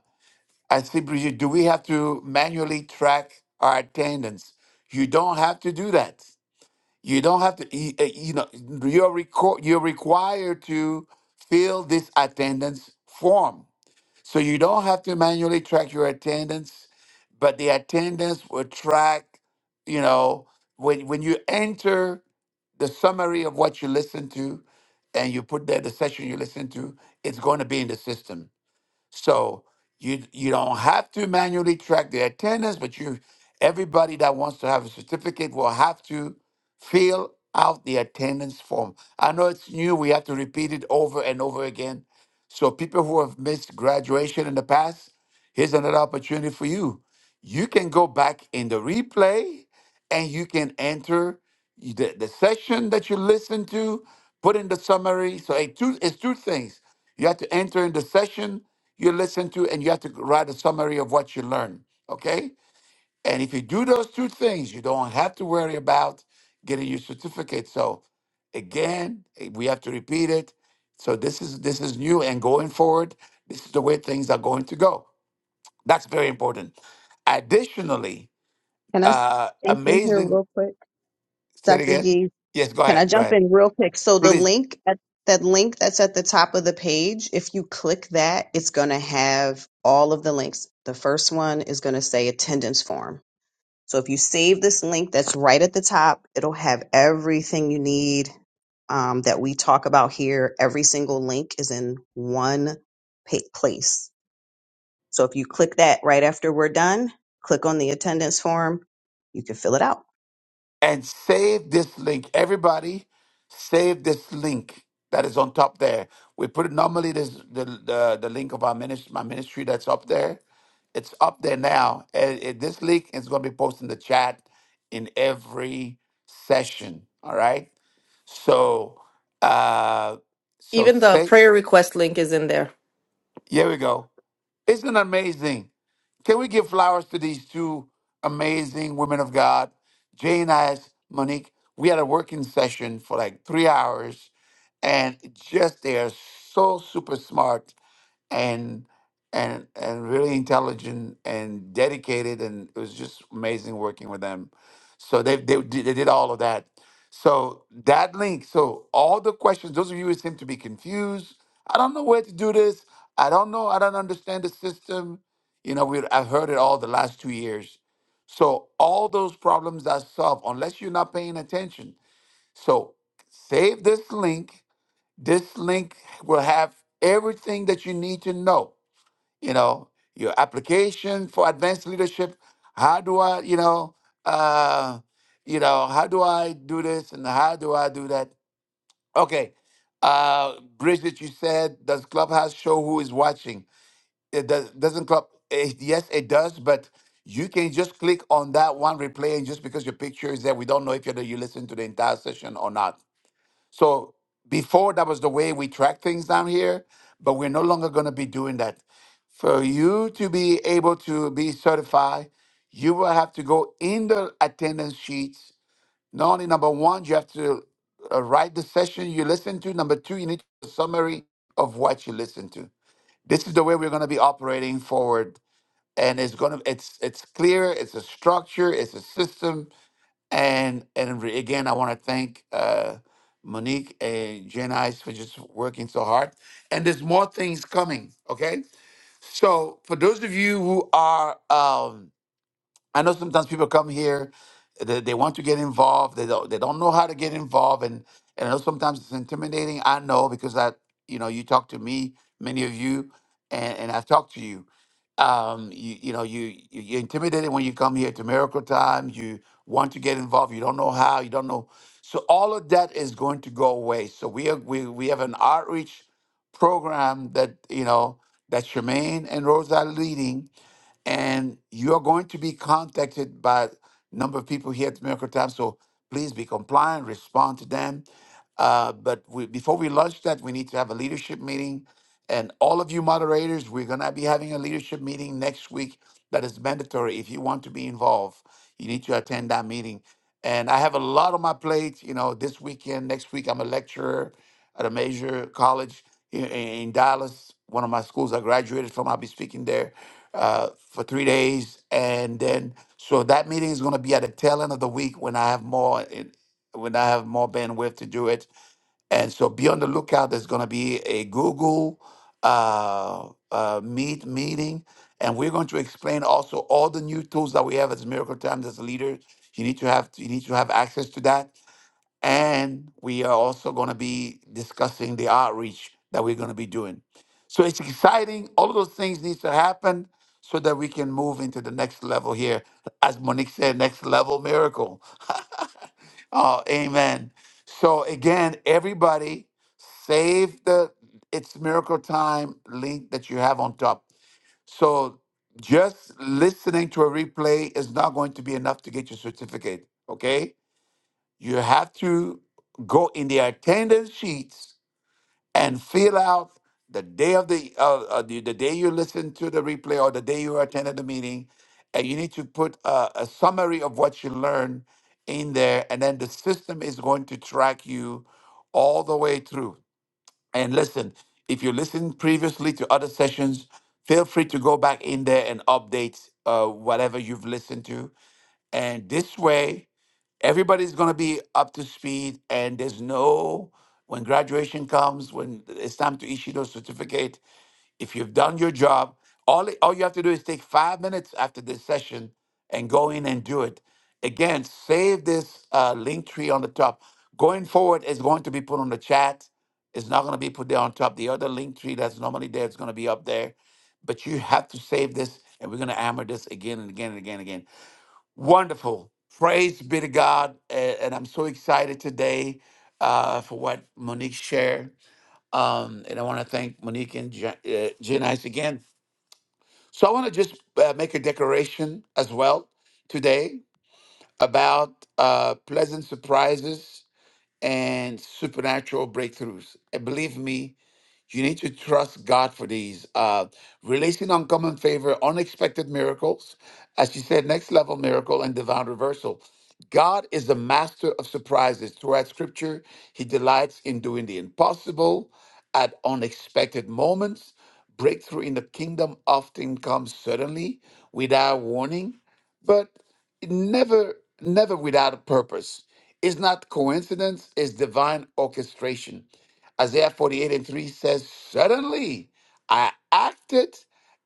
Speaker 1: i see brigitte do we have to manually track our attendance you don't have to do that you don't have to, you, uh, you know, you're, reco- you're required to fill this attendance form. So you don't have to manually track your attendance, but the attendance will track, you know, when, when you enter the summary of what you listen to and you put there the session you listen to, it's going to be in the system. So you you don't have to manually track the attendance, but you everybody that wants to have a certificate will have to fill out the attendance form. I know it's new, we have to repeat it over and over again. So people who have missed graduation in the past, here's another opportunity for you. You can go back in the replay and you can enter the, the session that you listened to, put in the summary. So it two, it's two things you have to enter in the session you listen to, and you have to write a summary of what you learned. Okay? And if you do those two things, you don't have to worry about getting your certificate. So again, eh, we have to repeat it. So this is this is new and going forward, this is the way things are going to go. That's very important. Additionally,
Speaker 4: Can I s-
Speaker 1: uh
Speaker 4: jump in here
Speaker 1: amazing
Speaker 4: real quick,
Speaker 1: say it
Speaker 4: Dr.
Speaker 1: again.
Speaker 4: Gee?
Speaker 1: Yes, go
Speaker 4: Can I
Speaker 1: ahead. Go
Speaker 4: jump
Speaker 1: ahead.
Speaker 4: in real quick? So the
Speaker 1: Please.
Speaker 4: link at that link that's at the top of the page, if you click that, it's going to have all of the links. The first one is going to say attendance form. So if you save this link that's right at the top, it'll have everything you need um, that we talk about here. Every single link is in one pa- place. So if you click that right after we're done, click on the attendance form, you can fill it out.
Speaker 1: and save this link. Everybody, save this link that is on top there. We put it normally this the the, the link of our ministry, my ministry that's up there. It's up there now. And it- this link is going to be posted in the chat in every session. All right. So, uh, so
Speaker 16: Even the
Speaker 1: stay.
Speaker 16: prayer request link is in there.
Speaker 1: Here we go. Isn't it amazing? Can we give flowers to these two amazing women of God, Jay and I, Monique? We had a working session for like three hours, and just they are so super smart and and and really intelligent and dedicated and it was just amazing working with them so they they, did- they did all of that so that link so all the questions those of you who seem to be confused i don't know where to do this i don't know i don't understand the system you know we i've heard it all the last two years so all those problems are solved unless you're not paying attention so save this link this link will have everything that you need to know you know, your application for advanced leadership. How do I, you know, uh, you know, how do I do this and how do I do that? Okay, uh, Bridget, you said does Clubhouse show who is watching? It does, doesn't Club? eh, yes, it does, but you can just click on that one replay, and just because your picture is there, we don't know if you you listen to the entire session or not. So before that was the way we track things down here, but we're no longer going to be doing that. For you to be able to be certified, you will have to go in the attendance sheets. Not only number one, you have to uh, write the session you listen to. Number two, you need a summary of what you listen to. This is the way we're going to be operating forward, and it's going to it's it's clear. It's a structure. It's a system and and re- again, I want to thank uh, Monique and Jen Ice for just working so hard. And there's more things coming. Okay, so for those of you who are um, I know sometimes people come here, they, they want to get involved, they don't they don't know how to get involved, and and I know sometimes it's intimidating. I know because I you know you talk to me, many of you, and and I've talked to you. Um, you you know you you- you're intimidated when you come here to Miracle Time. You want to get involved, you don't know how, you don't know. So all of that is going to go away. So we are we we have an outreach program that you know that Shemaine and Rose are leading and you're going to be contacted by a number of people here at Miracle Time. So please be compliant, respond to them. Uh, but we, before we launch that, we need to have a leadership meeting. And all of you moderators, we're going to be having a leadership meeting next week that is mandatory. If you want to be involved, you need to attend that meeting. And I have a lot on my plate. You know, this weekend, next week, I'm a lecturer at a major college in, in Dallas, one of my schools I graduated from. I'll be speaking there uh, for three days, and then so that meeting is going to be at the tail end of the week when I have more in, when I have more bandwidth to do it. And so be on the lookout. There's going to be a Google uh, uh, Meet meeting, and we're going to explain also all the new tools that we have as Miracle Times as leaders. You need to have you need to have access to that and we are also going to be discussing the outreach that we're going to be doing. So it's exciting. All of those things need to happen so that we can move into the next level here. As Monique said, next level miracle. Oh, amen. So again, everybody save the It's Miracle Time link that you have on top. So just listening to a replay is not going to be enough to get your certificate, okay? you have to go in the attendance sheets and fill out the day of the uh, uh, the, the day you listen to the replay or the day you attended the meeting and you need to put a, a summary of what you learned in there and then the system is going to track you all the way through and listen if you listened previously to other sessions feel free to go back in there and update uh, whatever you've listened to and this way, everybody's going to be up to speed and there's no when graduation comes when it's time to issue those certificate if you've done your job all, it- all you have to do is take five minutes after this session and go in and do it again save this uh, link tree on the top going forward it's going to be put on the chat it's not going to be put there on top the other link tree that's normally there is going to be up there but you have to save this and we're going to hammer this again and again and again and again Wonderful. Praise be to God. a- And I'm so excited today uh, for what Monique shared. Um, and I want to thank Monique and Jen, uh, Jen Ice again. So I want to just uh, make a declaration as well today about uh, pleasant surprises and supernatural breakthroughs. And believe me, you need to trust God for these. Uh, releasing uncommon favor, unexpected miracles, as she said, next level miracle and divine reversal. God is the master of surprises. Throughout scripture, he delights in doing the impossible at unexpected moments. Breakthrough in the kingdom often comes suddenly without warning, but never, never without a purpose. It's not coincidence, it's divine orchestration. Isaiah 48 and 3 says, Suddenly I acted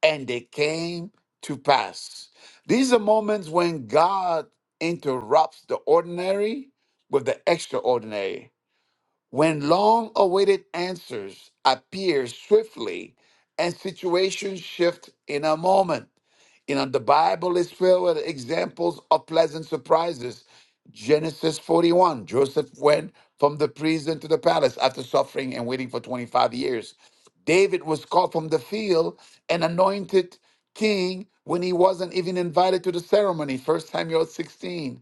Speaker 1: and they came to pass. These are moments when God interrupts the ordinary with the extraordinary. When long-awaited answers appear swiftly and situations shift in a moment, you know, the Bible is filled with examples of pleasant surprises. Genesis 41, Joseph went from the prison to the palace after suffering and waiting for 25 years. David was called from the field and anointed king when he wasn't even invited to the ceremony, 1 Samuel 16.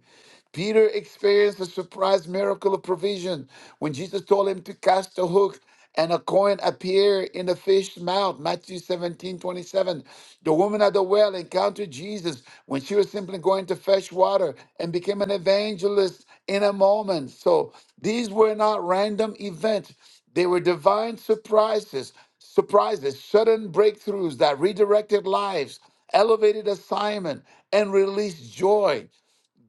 Speaker 1: Peter experienced a surprise miracle of provision when Jesus told him to cast a hook and a coin appeared in the fish's mouth. Matthew 17 27. The woman at the well encountered Jesus when she was simply going to fetch water and became an evangelist in a moment. So these were not random events, they were divine surprises, surprises, sudden breakthroughs that redirected lives, elevated assignment, and released joy.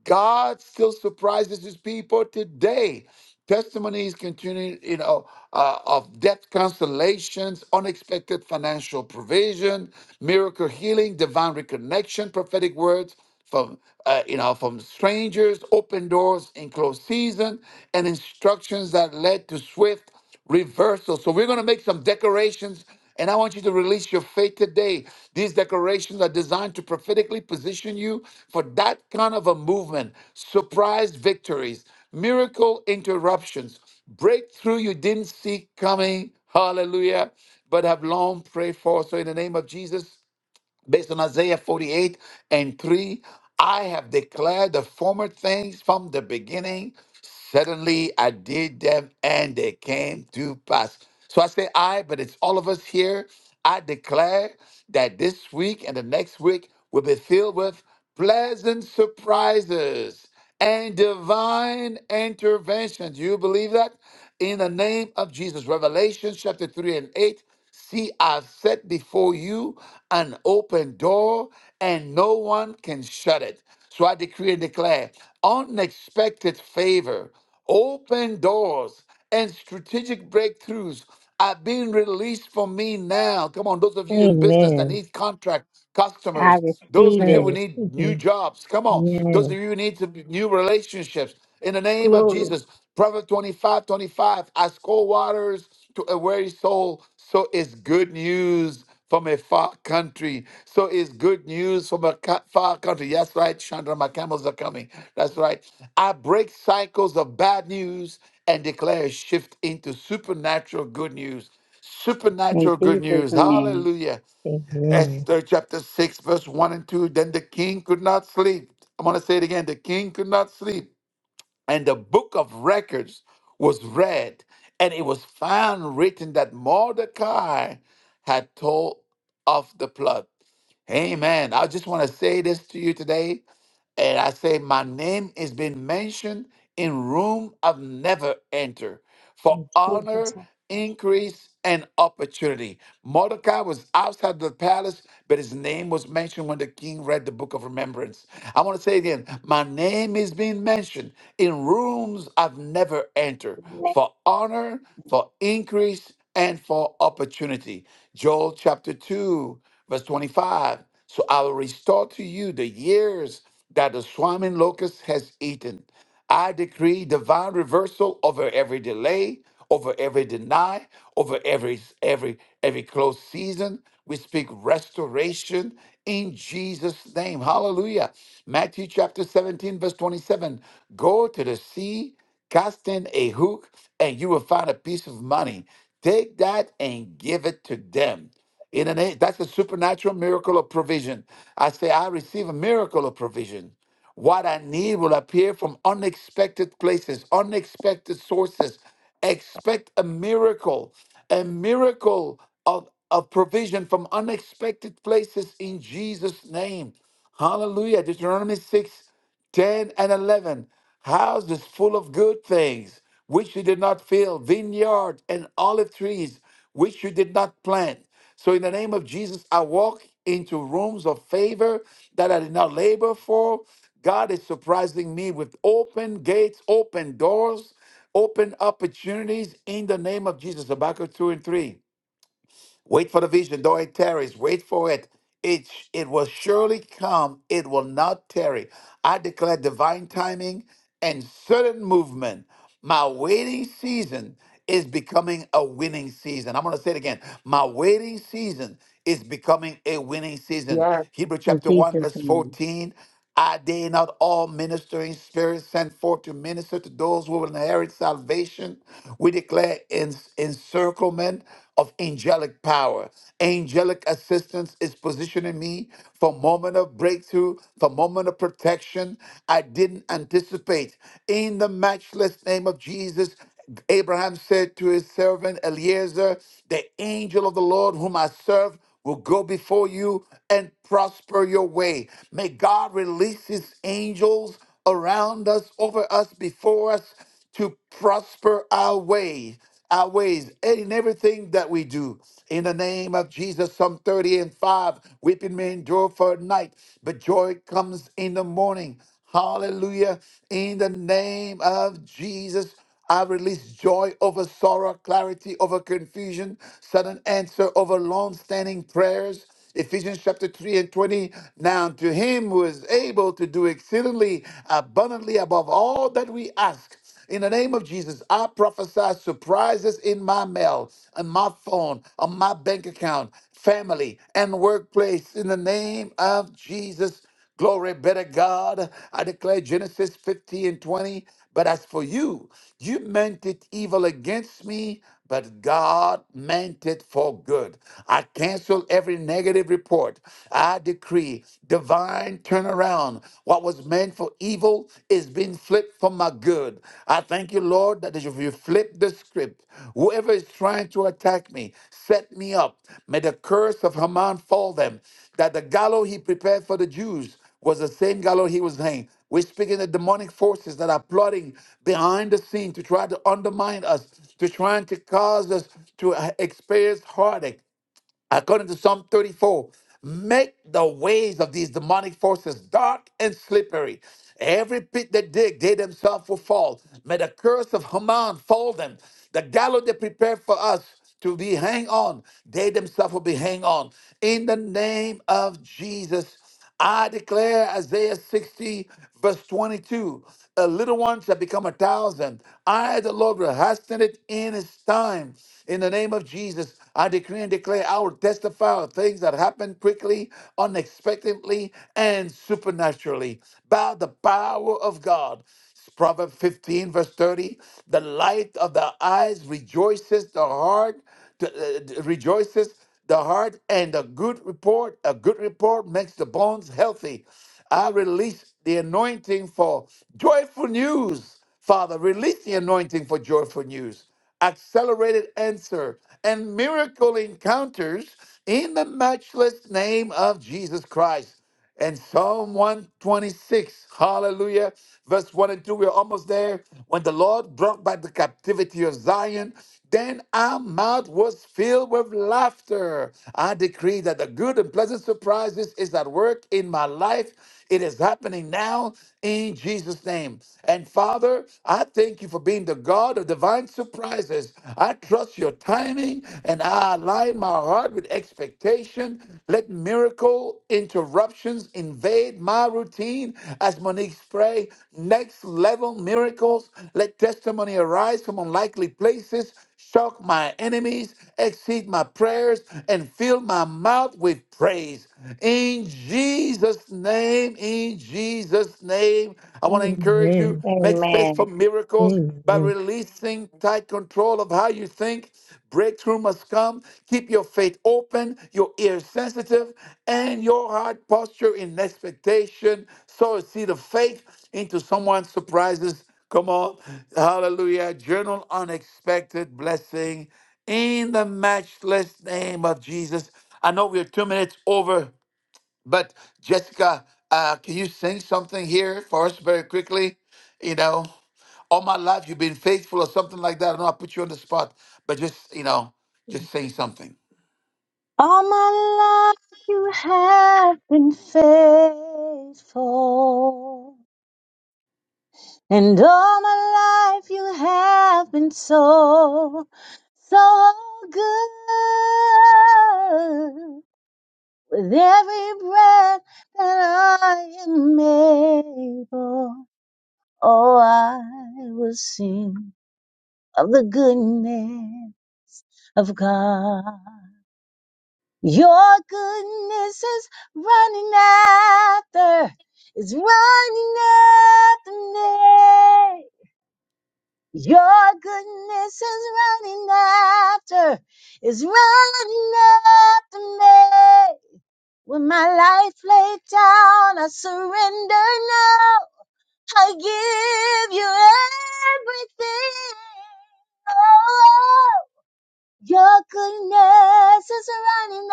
Speaker 1: God still surprises his people today. Testimonies continue, you know, uh, of death consolations, unexpected financial provision, miracle healing, divine reconnection, prophetic words from, uh, you know, from strangers, open doors in closed season, and instructions that led to swift reversal. So we're going to make some decorations, and I want you to release your faith today. These decorations are designed to prophetically position you for that kind of a movement, surprise victories, miracle interruptions, breakthrough you didn't see coming. Hallelujah. But have long prayed for. So in the name of Jesus, based on Isaiah 48 and 3, I have declared the former things from the beginning. Suddenly I did them and they came to pass. So I say I, but it's all of us here. I declare that this week and the next week will be filled with pleasant surprises and divine intervention. Do you believe that? In the name of Jesus. Revelation chapter 3 and 8. See, I've set before you an open door, and no one can shut it. So I decree and declare unexpected favor, open doors, and strategic breakthroughs are being released for me now. Come on, those of you in business that
Speaker 9: Amen.
Speaker 1: need contract
Speaker 5: I
Speaker 1: customers, those
Speaker 9: I
Speaker 5: receive
Speaker 1: of you
Speaker 5: it
Speaker 1: who
Speaker 9: receive
Speaker 1: need new
Speaker 9: it.
Speaker 1: jobs, come on, those of
Speaker 9: Yes.
Speaker 1: you who need to be- new relationships in the name of
Speaker 7: Glory.
Speaker 1: Jesus. Proverbs twenty-five, twenty-five. 25, as cold waters to a weary soul, so is good news from a far country. So is good news from a ca- far country. That's right, Chandra, my camels are coming. That's right. I break cycles of bad news and declare a shift into supernatural good news.
Speaker 5: in
Speaker 1: Supernatural good
Speaker 5: Jesus'
Speaker 1: news.
Speaker 5: name.
Speaker 1: Hallelujah.
Speaker 9: Amen.
Speaker 1: Esther chapter 6, verse 1 and 2. Then the king could not sleep. I'm going to say it again. The king could not sleep and the book of records was read, and it was found written that Mordecai had told of the plot. Amen. I just want to say this to you today. And I say, my name is being mentioned in room I've never entered for
Speaker 5: In Jesus'
Speaker 1: honor, increase, and opportunity. Mordecai was outside the palace, but his name was mentioned when the king read the book of remembrance. I want to say again, my name is being mentioned in rooms I've never entered
Speaker 5: name.
Speaker 1: for honor, for increase, and for opportunity. Joel chapter 2 Verse 25 So I will restore to you the years that the swarming locust has eaten. I decree divine reversal over every delay, over every deny, over every every every close season. We speak restoration in Jesus' name. Hallelujah. Matthew chapter 17, verse 27. Go to the sea, cast in a hook, and you will find a piece of money. Take that and give it to them. In the name, that's a supernatural miracle of provision. I say, I receive a miracle of provision. What I need will appear from unexpected places, unexpected sources. Expect a miracle, a miracle of, of provision from unexpected places in Jesus' name. Hallelujah. Deuteronomy 6. 10 and 11 houses full of good things which you did not fill vineyards and olive trees which you did not plant so in the name of jesus i walk into rooms of favor that i did not labor for god is surprising me with open gates open doors open opportunities in the name of jesus habakkuk 2 and 3 Wait for the vision, though it tarries, wait for it. It, it will surely come, it will not tarry. I declare divine timing and sudden movement. My waiting season is becoming a winning season. I'm going to say it again. My waiting season is becoming a winning season.
Speaker 11: Yes.
Speaker 1: Hebrew
Speaker 5: In
Speaker 1: chapter 1,
Speaker 5: Jesus'
Speaker 1: verse
Speaker 5: name.
Speaker 1: 14. Are they not all ministering spirits sent forth to minister to those who will inherit salvation? We declare en- encirclement of angelic power. Angelic assistance is positioning me for moment of breakthrough, for moment of protection I didn't anticipate. In the matchless name of Jesus, Abraham said to his servant Eliezer, The angel of the Lord whom I serve will go before you and prosper your way. May God release his angels around us, over us, before us to prosper our way, our ways, and in everything that we do. In the name of Jesus, Psalm 30 and 5, weeping may endure for a night, but joy comes in the morning. Hallelujah. In the name of Jesus. I release joy over sorrow, clarity over confusion, sudden answer over long standing prayers. Ephesians chapter 3 and 20. Now, to him who is able to do exceedingly abundantly above all that we ask. In the name of Jesus, I prophesy surprises in my mail, on my phone, on my bank account, family, and workplace. In the name of Jesus, Glory be to God. I declare Genesis 50 and 20. But as for you, you meant it evil against me, but God meant it for good. I cancel every negative report. I decree divine turnaround. What was meant for evil is being flipped for my good. I thank you Thank you, Lord, that if you flip the script, whoever is trying to attack me, set me up. May the curse of Haman fall them. That the gallows he prepared for the Jews was the same gallows he was hanged. We're speaking of demonic forces that are plotting behind the scene to try to undermine us, to trying to cause us to uh, experience heartache, According to Psalm 34, make the ways of these demonic forces dark and slippery. Every pit they dig, they themselves will fall. May the curse of Haman fall them. The gallows they prepared for us to be hang on, they themselves will be hang on. In the name of Jesus, I declare Isaiah 60, verse 22 a little one shall become a thousand. I, the Lord, will hasten it in its time. In the name of Jesus, I decree and declare I will testify of things that happen quickly, unexpectedly, and supernaturally by the power of God. Proverbs 15, verse 30 The light of the eyes rejoices the heart, to- uh, rejoices the heart, and a good report, a good report makes the bones healthy. I release the anointing for joyful news. Father, release the anointing for joyful news, accelerated answer, and miracle encounters in the matchless name of Jesus Christ. And Psalm 126, hallelujah, verse 1 and 2, we're almost there. When the Lord brought back the captivity of Zion, then our mouth was filled with laughter. I decree that the good and pleasant surprises is at work in my life. It is happening now in Jesus' name. And Father, I thank you for being the God of divine surprises. I trust your timing believing, and I align my heart with expectation. Let miracle interruptions invade my routine. As Monique pray, next level miracles. Let testimony arise from unlikely places. Shock my enemies, exceed my prayers, and fill my mouth with praise. In Jesus' name, in Jesus' name, I want to encourage you,
Speaker 9: Amen.
Speaker 1: make space for
Speaker 5: Amen.
Speaker 1: miracles by
Speaker 9: Amen.
Speaker 1: releasing tight control of how you think. Breakthrough must come. Keep your faith open, your ears sensitive, and your heart posture in expectation. Sow a seed of faith into someone's surprises. Come on. Hallelujah. Journal unexpected blessing in the matchless name of Jesus. I know we're two minutes over. But Jessica, uh, can you sing something here for us very quickly? You know, all my life you've been faithful or something like that. I know I put you on the spot, but just, you know, just sing something.
Speaker 5: All my life you have been faithful. And all my life you have been so, so good. With every breath that I am able, oh, I will sing of the goodness of God. Your goodness is running after, is running after me. Your goodness is running after, is running after me. With my life laid down, I surrender now. I give you everything. Oh, your goodness is running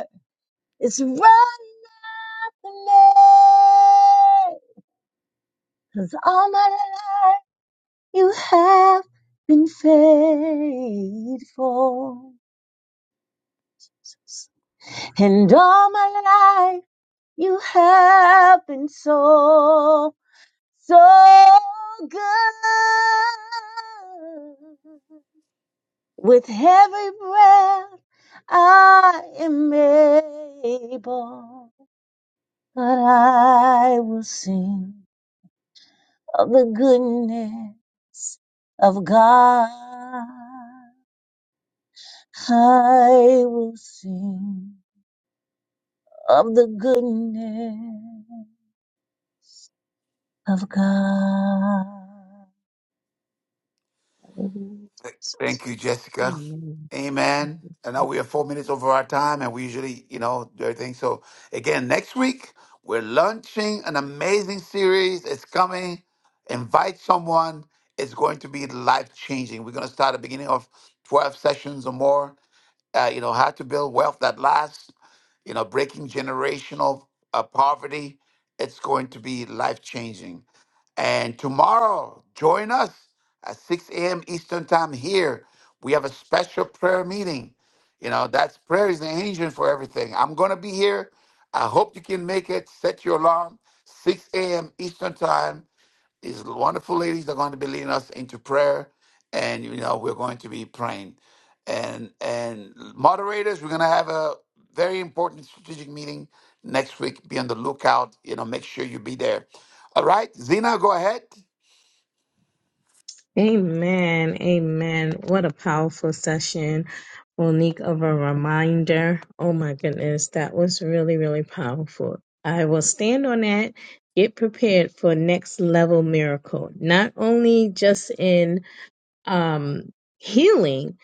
Speaker 5: after, it's running after me. 'Cause all my life. You have been faithful. And all my life, you have been so, so good. With every breath, I am able, but I will sing of the goodness of God. I will sing of the goodness of God.
Speaker 1: Thank you, Jessica.
Speaker 9: Amen.
Speaker 1: Amen. And now we are four minutes over our time, and we usually, you know, do everything. So, again, next week, we're launching an amazing series. It's coming. Invite someone. It's going to be life changing. We're going to start at the beginning of 12 sessions or more uh, you know, how to build wealth that lasts, you know, breaking generational uh, poverty. It's going to be life changing. And tomorrow, join us at 6 a.m. Eastern Time here. We have a special prayer meeting. You know, that's prayer is the engine for everything. I'm going to be here. I hope you can make it. Set your alarm, 6 a.m. Eastern Time. These wonderful ladies are going to be leading us into prayer, and you know we're going to be praying. And and moderators, we're going to have a very important strategic meeting next week. Be on the lookout. You know, make sure you be there. All right, Zena, go ahead.
Speaker 9: Amen. Amen. What a powerful session, Monique, of a reminder. Oh my goodness, that was really, really powerful. I will stand on that. Get prepared for next level miracle, not only just in um, healing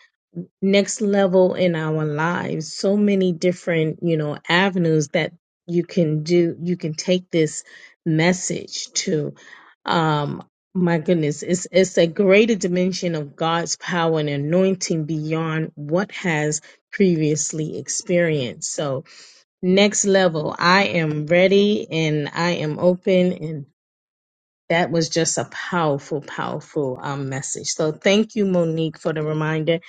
Speaker 9: next level in our lives so many different you know avenues that you can do you can take this message to um my goodness it's it's a greater dimension of god's power and anointing beyond what has previously experienced so next level i am ready and i am open and. That was just a powerful, powerful um, message. So thank you, Monique, for the reminder.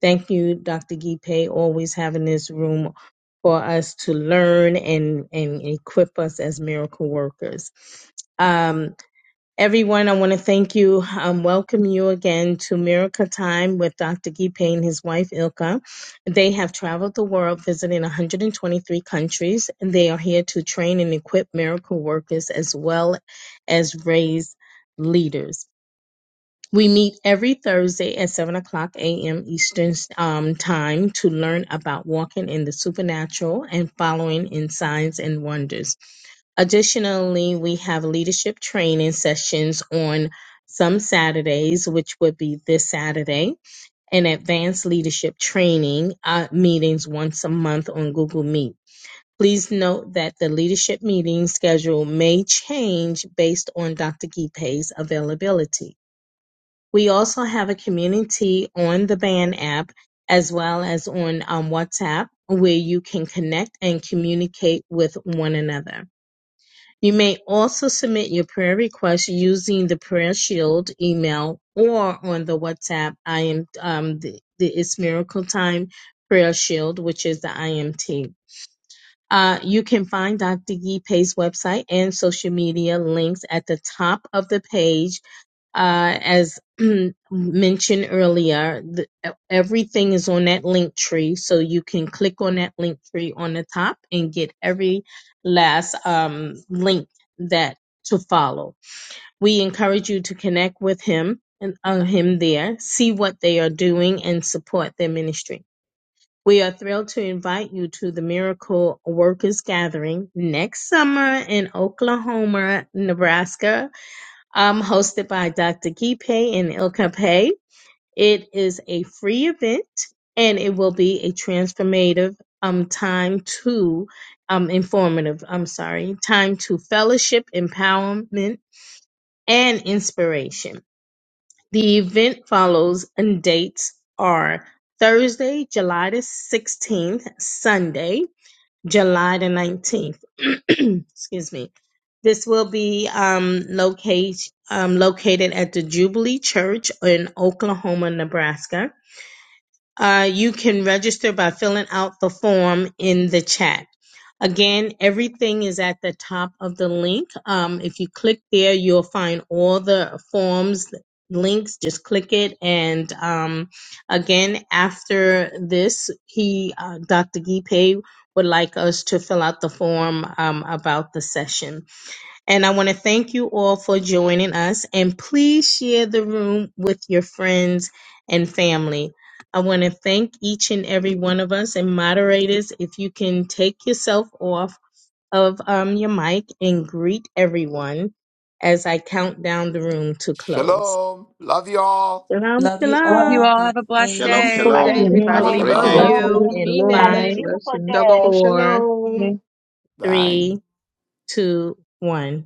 Speaker 9: Thank you, Dr. Gipe, always having this room for us to learn and, and equip us as miracle workers. Um, Everyone, I want to thank you, um, welcome you again to Miracle Time with Dr. Guy Payne, his wife Ilka. They have traveled the world visiting 123 countries, and they are here to train and equip miracle workers as well as raise leaders. We meet every Thursday at 7 o'clock a.m. Eastern um, Time to learn about walking in the supernatural and following in signs and wonders. Additionally, we have leadership training sessions on some Saturdays, which would be this Saturday, and advanced leadership training uh, meetings once a month on Google Meet. Please note that the leadership meeting schedule may change based on Dr. Gipe's availability. We also have a community on the Band app as well as on um, WhatsApp where you can connect and communicate with one another. You may also submit your prayer request using the Prayer Shield email or on the WhatsApp. I am um, the, the It's Miracle Time Prayer Shield, which is the IMT. Uh, you can find Dr. Yi Pei's website and social media links at the top of the page uh, as mentioned earlier, the, everything is on that link tree, so you can click on that link tree on the top and get every last um, link that to follow. We encourage you to connect with him and uh, him there, see what they are doing, and support their ministry. We are thrilled to invite you to the Miracle Workers Gathering next summer in Oklahoma, Nebraska, um, hosted by Dr. Gipe and Ilka Pei. It is a free event and it will be a transformative um, time to um, informative, I'm sorry, time to fellowship, empowerment, and inspiration. The event follows and dates are Thursday, July the 16th, Sunday, July the 19th. Excuse me. This will be um, locate, um, located at the Jubilee Church in Oklahoma, Nebraska. Uh, you can register by filling out the form in the chat. Again, everything is at the top of the link. Um, if you click there, you'll find all the forms links. Just click it. And um, again, after this, he, uh, Dr. Gipe, would like us to fill out the form um, about the session. And I want to thank you all for joining us. And please share the room with your friends and family. I want to thank each and every one of us and moderators. If you can take yourself off of um, your mic and greet everyone as I count down the room to close.
Speaker 1: Shalom. Love you all.
Speaker 9: Shalom,
Speaker 8: Love you
Speaker 3: Love
Speaker 9: shalom.
Speaker 3: you
Speaker 8: all.
Speaker 3: all. Have a blessed
Speaker 2: Shalom,
Speaker 8: Blessings.
Speaker 3: day.
Speaker 11: Good
Speaker 4: Hi
Speaker 11: day,
Speaker 2: shalom.
Speaker 7: Yes.
Speaker 9: Room
Speaker 2: Have
Speaker 9: will
Speaker 2: a
Speaker 11: everybody.
Speaker 9: be
Speaker 4: everyone.
Speaker 2: great
Speaker 11: Love
Speaker 2: day.
Speaker 1: Shalom.
Speaker 9: closing
Speaker 11: you.
Speaker 7: Blessings.
Speaker 9: in
Speaker 4: Shalom.
Speaker 11: Mean
Speaker 5: Have
Speaker 7: Shalom.
Speaker 5: a
Speaker 11: it.
Speaker 9: five,
Speaker 5: beautiful
Speaker 7: Blessings.
Speaker 5: day.
Speaker 11: Shalom,
Speaker 9: four,
Speaker 11: shalom.
Speaker 1: Bye.
Speaker 9: three, two, one.